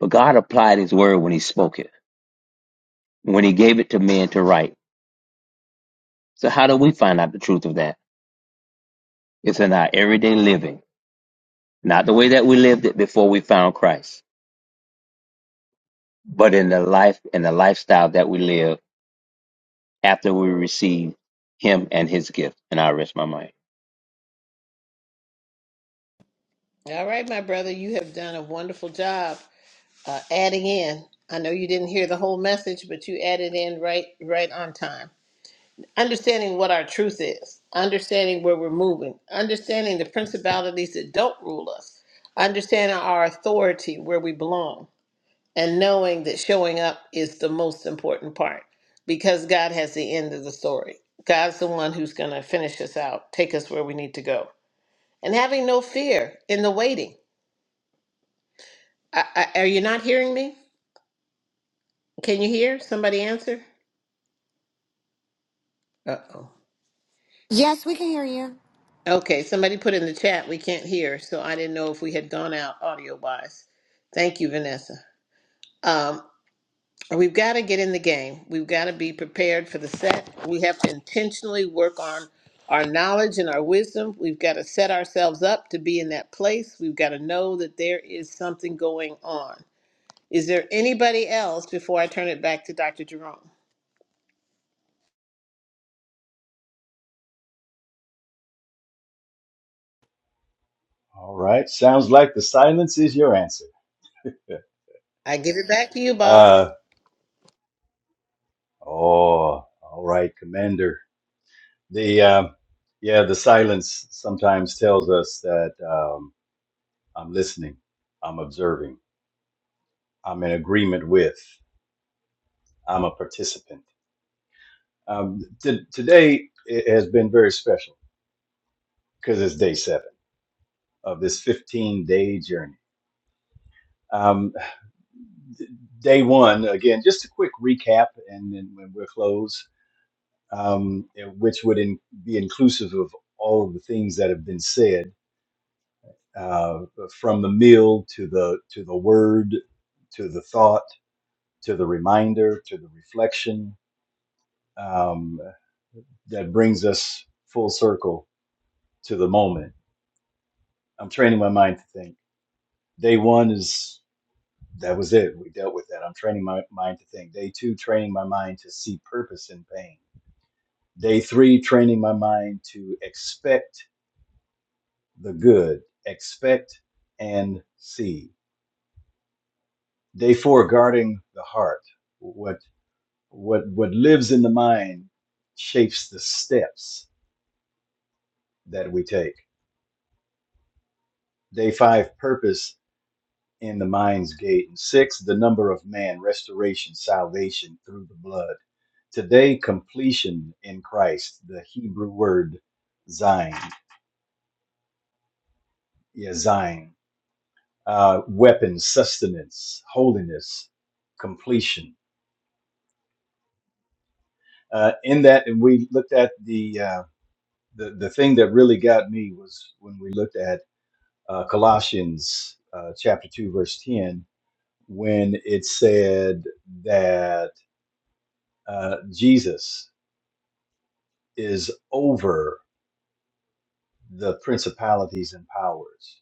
S8: But God applied his word when he spoke it, when he gave it to men to write. So how do we find out the truth of that? It's in our everyday living, not the way that we lived it before we found Christ, but in the life and the lifestyle that we live after we receive him and his gift. And I rest my mind.
S4: All right, my brother, you have done a wonderful job. uh, adding in. I know you didn't hear the whole message, but you added in right right on time. Understanding what our truth is, understanding where we're moving, understanding the principalities that don't rule us, understanding our authority where we belong, and knowing that showing up is the most important part because God has the end of the story. God's the one who's going to finish us out, take us where we need to go, and having no fear in the waiting. I, I, are you not hearing me? Can you hear? Somebody answer. Uh-oh. Okay, somebody put in the chat we can't hear, so I didn't know if we had gone out audio wise. Thank you, Vanessa. Um, we've got to get in the game. We've got to be prepared for the set. We have to intentionally work on our knowledge and our wisdom. We've got to set ourselves up to be in that place. We've got to know that there is something going on. Is there anybody else before I turn it back to Dr. Jerome?
S3: All right. Sounds like the silence is your answer.
S4: I give it back to you, boss.
S3: Uh, oh, all right, Commander. The uh, yeah, the silence sometimes tells us that um, I'm listening, I'm observing, I'm in agreement with, I'm a participant. Um, t- today it has been very special because it's day seven of this 15 day journey. Um, day one, again, just a quick recap, and then when we're closed, um, which would in, be inclusive of all of the things that have been said, uh, from the meal to the to the word, to the thought, to the reminder, to the reflection, um, that brings us full circle to the moment. I'm training my mind to think. Day one is that was it. We dealt with that. I'm training my mind to think. Day two, training my mind to see purpose in pain. Day three, training my mind to expect the good, expect and see. Day four, guarding the heart. What what what lives in the mind shapes the steps that we take. Day five, purpose in the mind's gate. And six, the number of man, restoration, salvation through the blood. Today, completion in Christ, the Hebrew word Zion, yeah, Zion, uh, weapon, sustenance, holiness, completion. Uh, in that, and we looked at the, uh, the the thing that really got me was when we looked at uh, Colossians uh, chapter two, verse ten, when it said that uh, Jesus. is over the principalities and powers.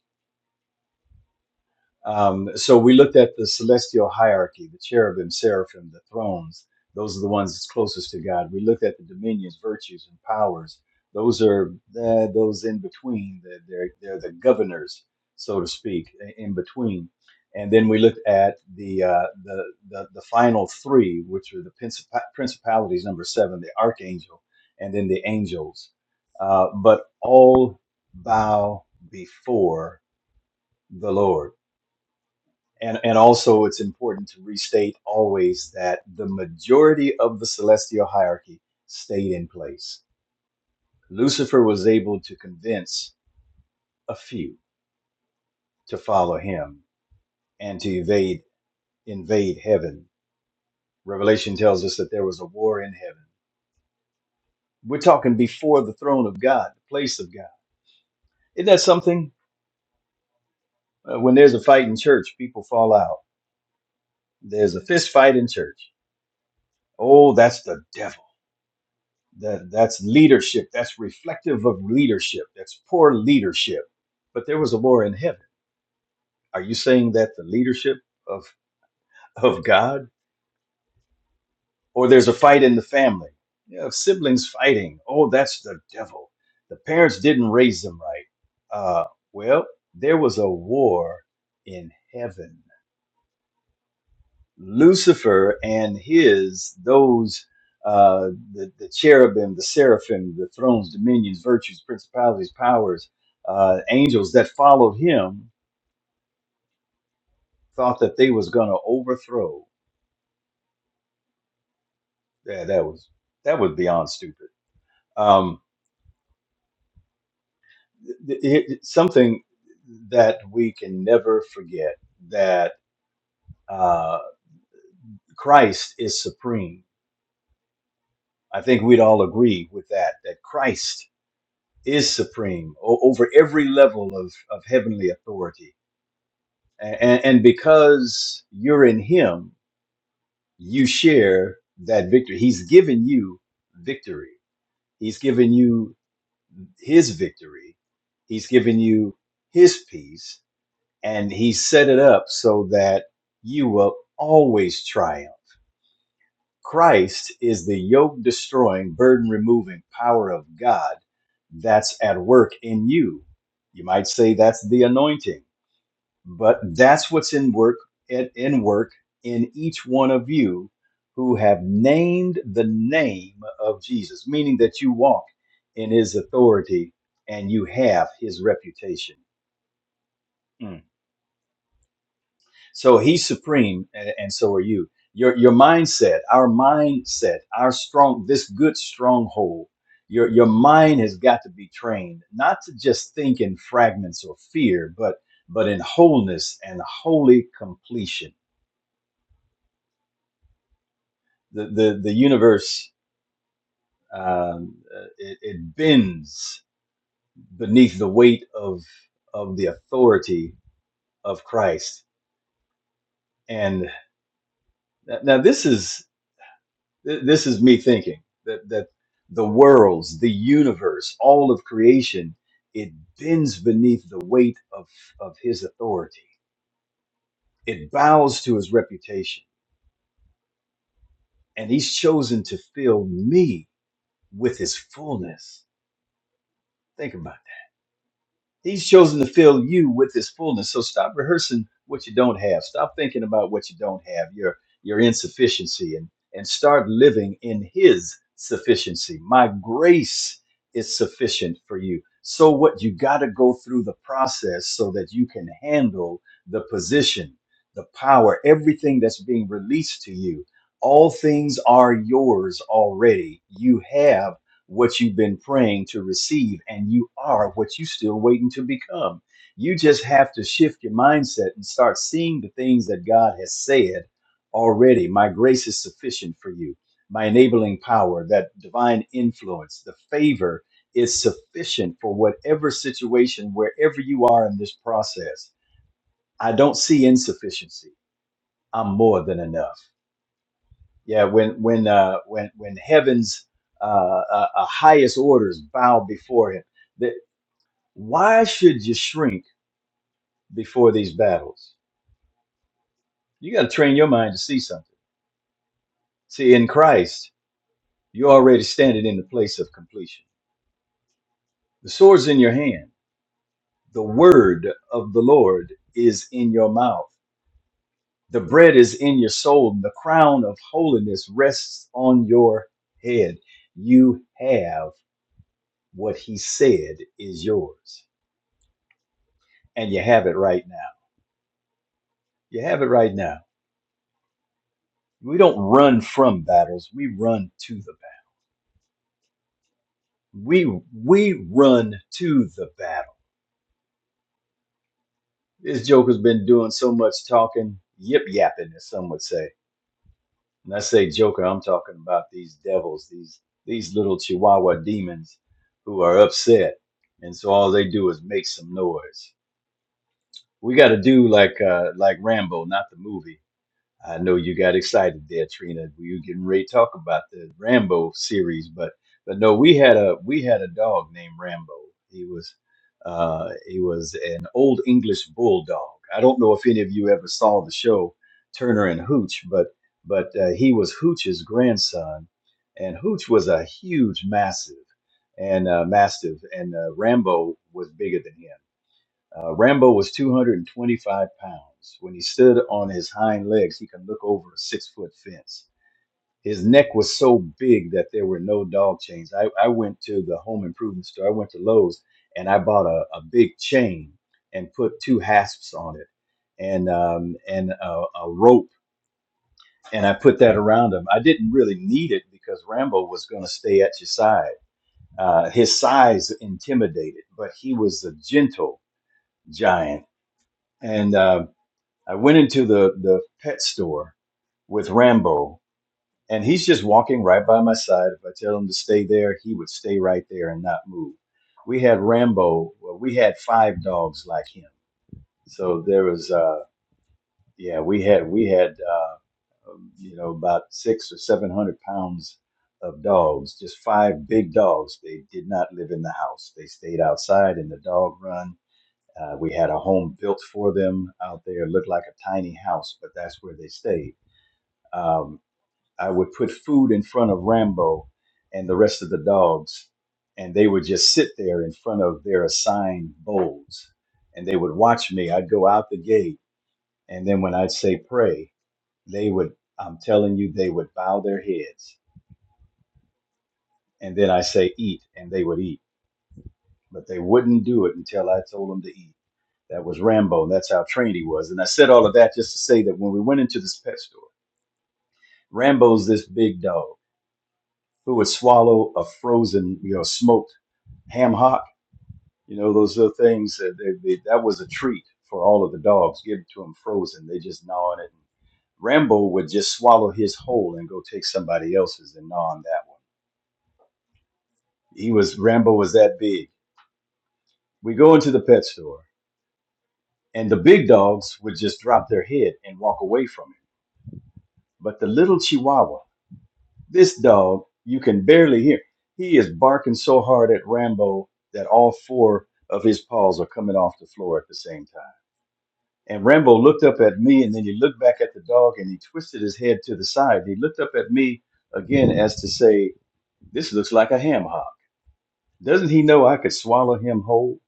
S3: Um, so we looked at the celestial hierarchy, the cherubim, seraphim, the thrones. Those are the ones that's closest to God. We looked at the dominions, virtues, and powers. Those are the, those in between. They're, they're, they're the governors, so to speak, in between. And then we looked at the, uh, the, the, the final three, which are the princip- principalities, number seven, the archangel, and then the angels. Uh, but all bow before the Lord and, and also, it's important to restate always that the majority of the celestial hierarchy stayed in place. Lucifer was able to convince a few to follow him and to evade invade heaven. Revelation tells us that there was a war in heaven. We're talking before the throne of God, the place of God. Isn't that something? Uh, when there's a fight in church, people fall out. There's a fist fight in church. Oh, that's the devil that that's leadership that's reflective of leadership that's poor leadership but there was a war in heaven are you saying that the leadership of of god or there's a fight in the family yeah of siblings fighting oh that's the devil the parents didn't raise them right uh well there was a war in heaven Lucifer and his those uh, the, the cherubim, the seraphim, the thrones, dominions, virtues, principalities, powers, uh, angels that followed him thought that they was going to overthrow. Yeah, that was that was beyond stupid. Um, th- th- it- something that we can never forget that uh, Christ is supreme. I think we'd all agree with that. That Christ is supreme o- over every level of, of heavenly authority. And, and because you're in Him, you share that victory. He's given you victory, He's given you His victory, He's given you His peace, and He set it up so that you will always triumph. Christ is the yoke destroying, burden removing power of God that's at work in you. You might say that's the anointing But that's what's in work at in work in each one of you who have named the name of Jesus, meaning that you walk in his authority and you have his reputation. Mm. So he's supreme and, and so are you. Your your mindset, our mindset, our strong this good stronghold. Your your mind has got to be trained not to just think in fragments or fear, but but in wholeness and holy completion the the, the universe um, uh, it, it bends beneath the weight of of the authority of Christ. And now this is this is me thinking that that the worlds, the universe, all of creation, it bends beneath the weight of of His authority. It bows to His reputation, and He's chosen to fill me with His fullness. Think about it He's chosen to fill you with his fullness. So stop rehearsing what you don't have. Stop thinking about what you don't have, your your insufficiency, and and start living in his sufficiency. My grace is sufficient for you. So what you gotta go through the process so that you can handle the position, the power, everything that's being released to you. All things are yours already. You have what you've been praying to receive, and you are what you still waiting to become. You just have to shift your mindset and start seeing the things that God has said already. My grace is sufficient for you. My enabling power, that divine influence, the favor is sufficient for whatever situation, wherever you are in this process. I don't see insufficiency. I'm more than enough. Yeah, when when uh, when when heaven's uh, uh, uh, highest orders bow before him, that why should you shrink before these battles? You got to train your mind to see something. See, in Christ, you're already standing in the place of completion. The sword's in your hand. The word of the Lord is in your mouth. The bread is in your soul, and the crown of holiness rests on your head. You have what He said is yours and you have it right now. You have it right now. We don't run from battles. We run to the battle. We we run to the battle. This Joker's been doing so much talking, yip yapping, as some would say. And I say Joker, I'm talking about these devils, these these little Chihuahua demons who are upset, and so all they do is make some noise. We got to do like uh, like Rambo, not the movie I know you got excited there, Trina. We were getting ready to talk about the Rambo series, but but no, we had a we had a dog named Rambo. He was uh, he was an old English bulldog. I don't know if any of you ever saw the show Turner and Hooch, but but uh, he was Hooch's grandson, and Hooch was a huge massive and uh, mastiff, and uh, Rambo was bigger than him uh, Rambo was 225 pounds. When he stood on his hind legs, he could look over a six foot fence. His neck was so big that there were no dog chains. I, I went to the home improvement store, I went to Lowe's, and I bought a, a big chain and put two hasps on it and, um, and a, a rope, and I put that around him. I didn't really need it because Rambo was going to stay at your side. Uh, his size intimidated, but he was a gentle giant. And uh, I went into the the pet store with Rambo, and he's just walking right by my side. If I tell him to stay there, he would stay right there and not move. We had Rambo. Well, we had five dogs like him. So there was, uh, yeah, we had we had, uh, um, you know, about six or seven hundred pounds of dogs. Just five big dogs. They did not live in the house. They stayed outside in the dog run. Uh, we had a home built for them out there. It looked like a tiny house, but that's where they stayed um, I would put food in front of Rambo and the rest of the dogs, and they would just sit there in front of their assigned bowls, and they would watch me. I'd go out the gate, and then when I'd say pray, they would. I'm telling you, they would bow their heads, and then I say eat, and they would eat, but they wouldn't do it until I told them to eat. That was Rambo, and that's how trained he was. And I said all of that just to say that when we went into this pet store, Rambo's this big dog who would swallow a frozen, you know, smoked ham hock, you know, those little things. That, they, they, that was a treat for all of the dogs. Give it to them frozen. They just gnaw on it. Rambo would just swallow his whole and go take somebody else's and gnaw on that one. He was Rambo was that big. We go into the pet store, and the big dogs would just drop their head and walk away from him. But the little Chihuahua This dog, you can barely hear. He is barking so hard at Rambo that all four of his paws are coming off the floor at the same time. And Rambo looked up at me and then he looked back at the dog and he twisted his head to the side. He looked up at me again as to say, This looks like a ham hock. Doesn't he know I could swallow him whole?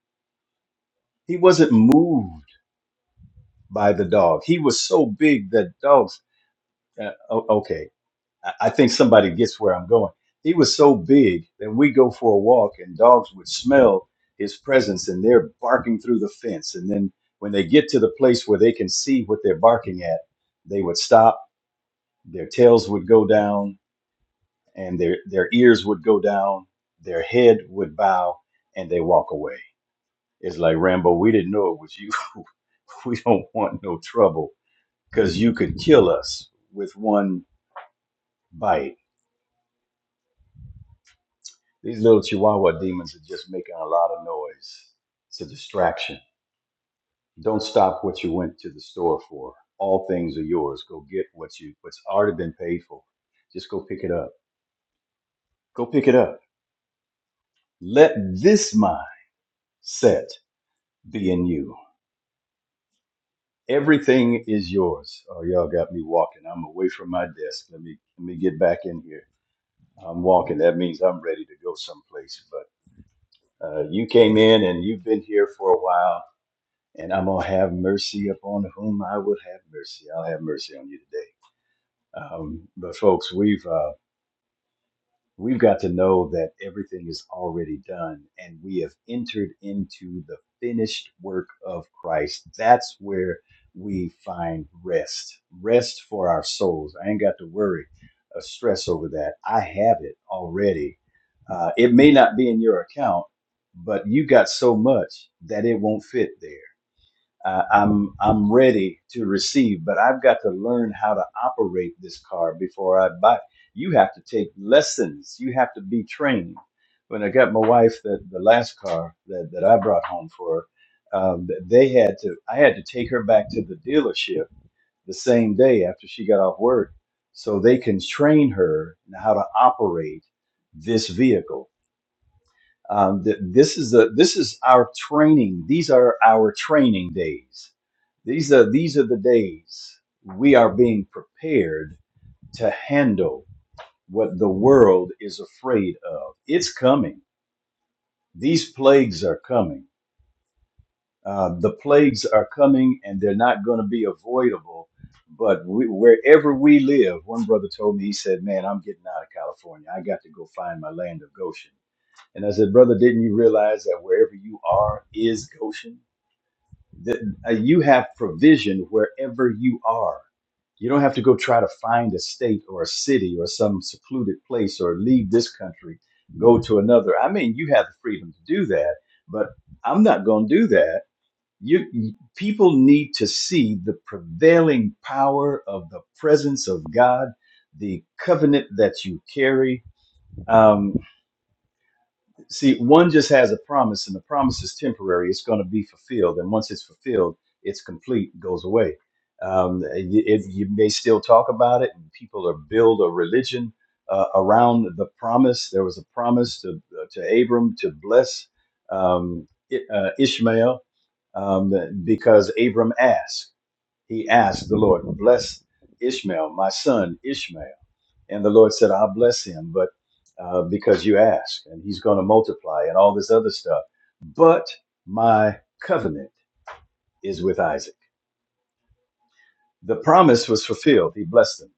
S3: He wasn't moved by the dog. He was so big that dogs. Uh, o- okay I I think somebody gets where I'm going. He was so big that we go for a walk and dogs would smell his presence and they're barking through the fence. And then when they get to the place where they can see what they're barking at, they would stop, their tails would go down and their, their ears would go down, their head would bow, and they walk away. It's like Rambo, we didn't know it was you. we don't want no trouble because you could kill us with one bite These little chihuahua demons are just making a lot of noise. It's a distraction. Don't stop what you went to the store for. All things are yours. Go get what you what's already been paid for. Just go pick it up. Go pick it up. Let this mind set be in you. Everything is yours. Oh, y'all got me walking. I'm away from my desk. Let me let me get back in here. I'm walking. That means I'm ready to go someplace. But uh, you came in and you've been here for a while and I'm gonna have mercy upon whom I will have mercy. I'll have mercy on you today. Um, but folks, we've uh, we've got to know that everything is already done, and we have entered into the finished work of Christ. That's where we find rest, rest for our souls. I ain't got to worry, or stress over that. I have it already. Uh, it may not be in your account, but you got so much that it won't fit there uh, I'm I'm ready to receive, but I've got to learn how to operate this car before I buy. You have to take lessons. You have to be trained. When I got my wife the, the last car that, that I brought home for her, um, they had to I had to take her back to the dealership the same day after she got off work, so they can train her in how to operate this vehicle um, th- this is the this is our training. These are our training days. These are these are the days we are being prepared to handle what the world is afraid of. It's coming. These plagues are coming. Uh, the plagues are coming, and they're not going to be avoidable. But we, wherever we live, one brother told me, he said, "Man, I'm getting out of California. I got to go find my land of Goshen." And I said, Brother, didn't you realize that wherever you are is Goshen? That uh, you have provision wherever you are. You don't have to go try to find a state or a city or some secluded place or leave this country, go to another. I mean, you have the freedom to do that, but I'm not going to do that. You people need to see the prevailing power of the presence of God, the covenant that you carry. Um, See, one just has a promise, and the promise is temporary. It's going to be fulfilled, and once it's fulfilled, it's complete, it goes away. Um, you, it, you may still talk about it, and people are build a religion uh, around the promise. There was a promise to uh, to Abram to bless um, I- uh, Ishmael um, because Abram asked. He asked the Lord, "Bless Ishmael, my son Ishmael." And the Lord said, I'll bless him, but uh, because you ask, and he's going to multiply and all this other stuff. But my covenant is with Isaac. The promise was fulfilled. He blessed them.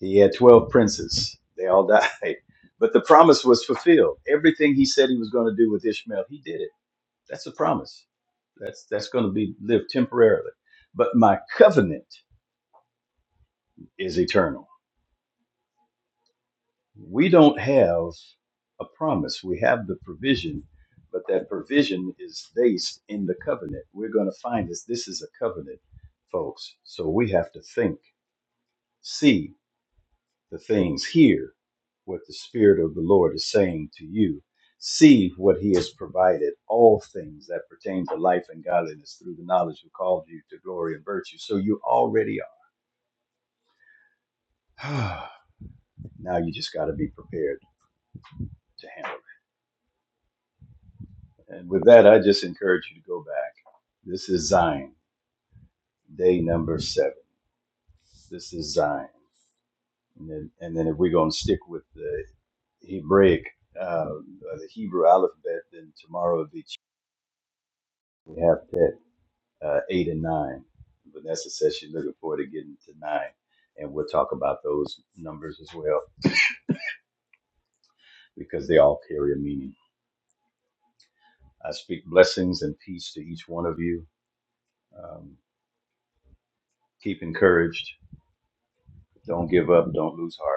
S3: He had 12 princes, they all died. But the promise was fulfilled. Everything he said he was going to do with Ishmael, he did it. That's a promise. That's that's going to be lived temporarily. But my covenant is eternal we don't have a promise. We have the provision, but that provision is based in the covenant. We're going to find this. This is a covenant, folks. So we have to think, see the things, hear what the Spirit of the Lord is saying to you, see what He has provided, all things that pertain to life and godliness through the knowledge who called you to glory and virtue. So you already are. now you just got to be prepared to handle it. And with that, I just encourage you to go back. This is Zion, day number seven. This is Zion. And then, and then if we're going to stick with the Hebraic, uh, the Hebrew alphabet, then tomorrow will be, we have that uh, eight and nine. Vanessa says she's looking forward to getting to nine. And we'll talk about those numbers as well because they all carry a meaning. I speak blessings and peace to each one of you. Um, keep encouraged. Don't give up. Don't lose heart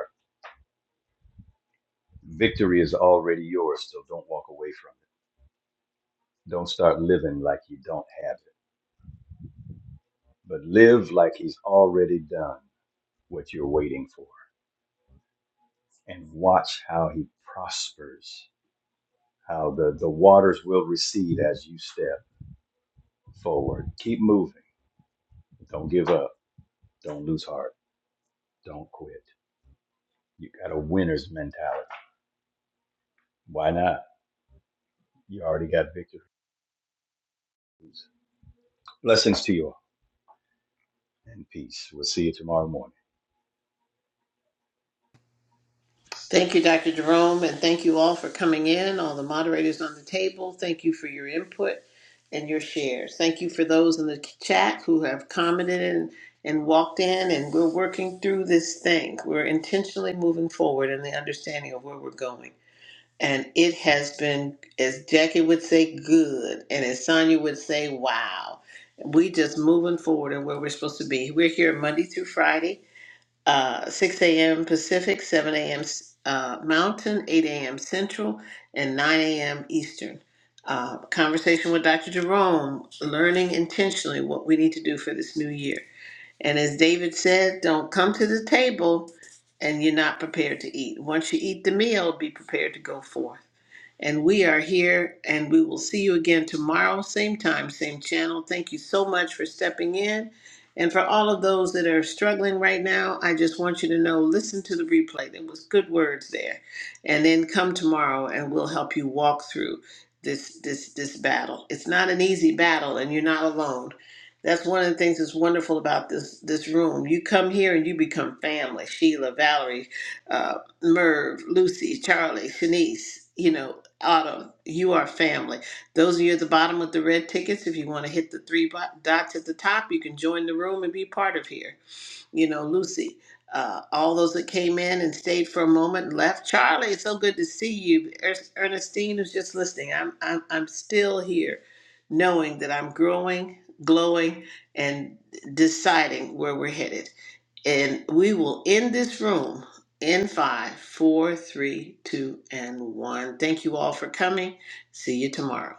S3: victory is already yours, so don't walk away from it. Don't start living like you don't have it, but live like he's already done what you're waiting for and watch how he prospers, how the, the waters will recede as you step forward. Keep moving. Don't give up. Don't lose heart. Don't quit. You got a winner's mentality. Why not? You already got victory. Blessings to you all and peace. We'll see you tomorrow morning.
S4: Thank you, Dr. Jerome, and thank you all for coming in, all the moderators on the table. Thank you for your input and your shares. Thank you for those in the chat who have commented and, and walked in, and we're working through this thing. We're intentionally moving forward in the understanding of where we're going. And it has been, as Jackie would say, good, and as Sonia would say, wow. We just moving forward and where we're supposed to be. We're here Monday through Friday uh, 6 a.m. Pacific, 7 a.m. Uh, Mountain, 8 a.m. Central, and 9 a.m. Eastern. Uh, conversation with Dr. Jerome, learning intentionally what we need to do for this new year. And as David said, don't come to the table and you're not prepared to eat. Once you eat the meal, be prepared to go forth. And we are here and we will see you again tomorrow, same time, same channel. Thank you so much for stepping in. And for all of those that are struggling right now, I just want you to know listen to the replay. There was good words there. And then come tomorrow and we'll help you walk through this this this battle. It's not an easy battle and you're not alone. That's one of the things that's wonderful about this this room. You come here and you become family. Sheila, Valerie, uh, Merv, Lucy, Charlie, Shanice, you know, Autumn, you are family. Those of you at the bottom with the red tickets, if you want to hit the three bo- dots at the top, you can join the room and be part of here. You know, Lucy, uh, all those that came in and stayed for a moment and left. Charlie, it's so good to see you. Er- Ernestine is just listening. I'm, I'm, I'm still here, knowing that I'm growing, glowing, and deciding where we're headed. And we will end this room in five, four, three, two, and one. Thank you all for coming. See you tomorrow.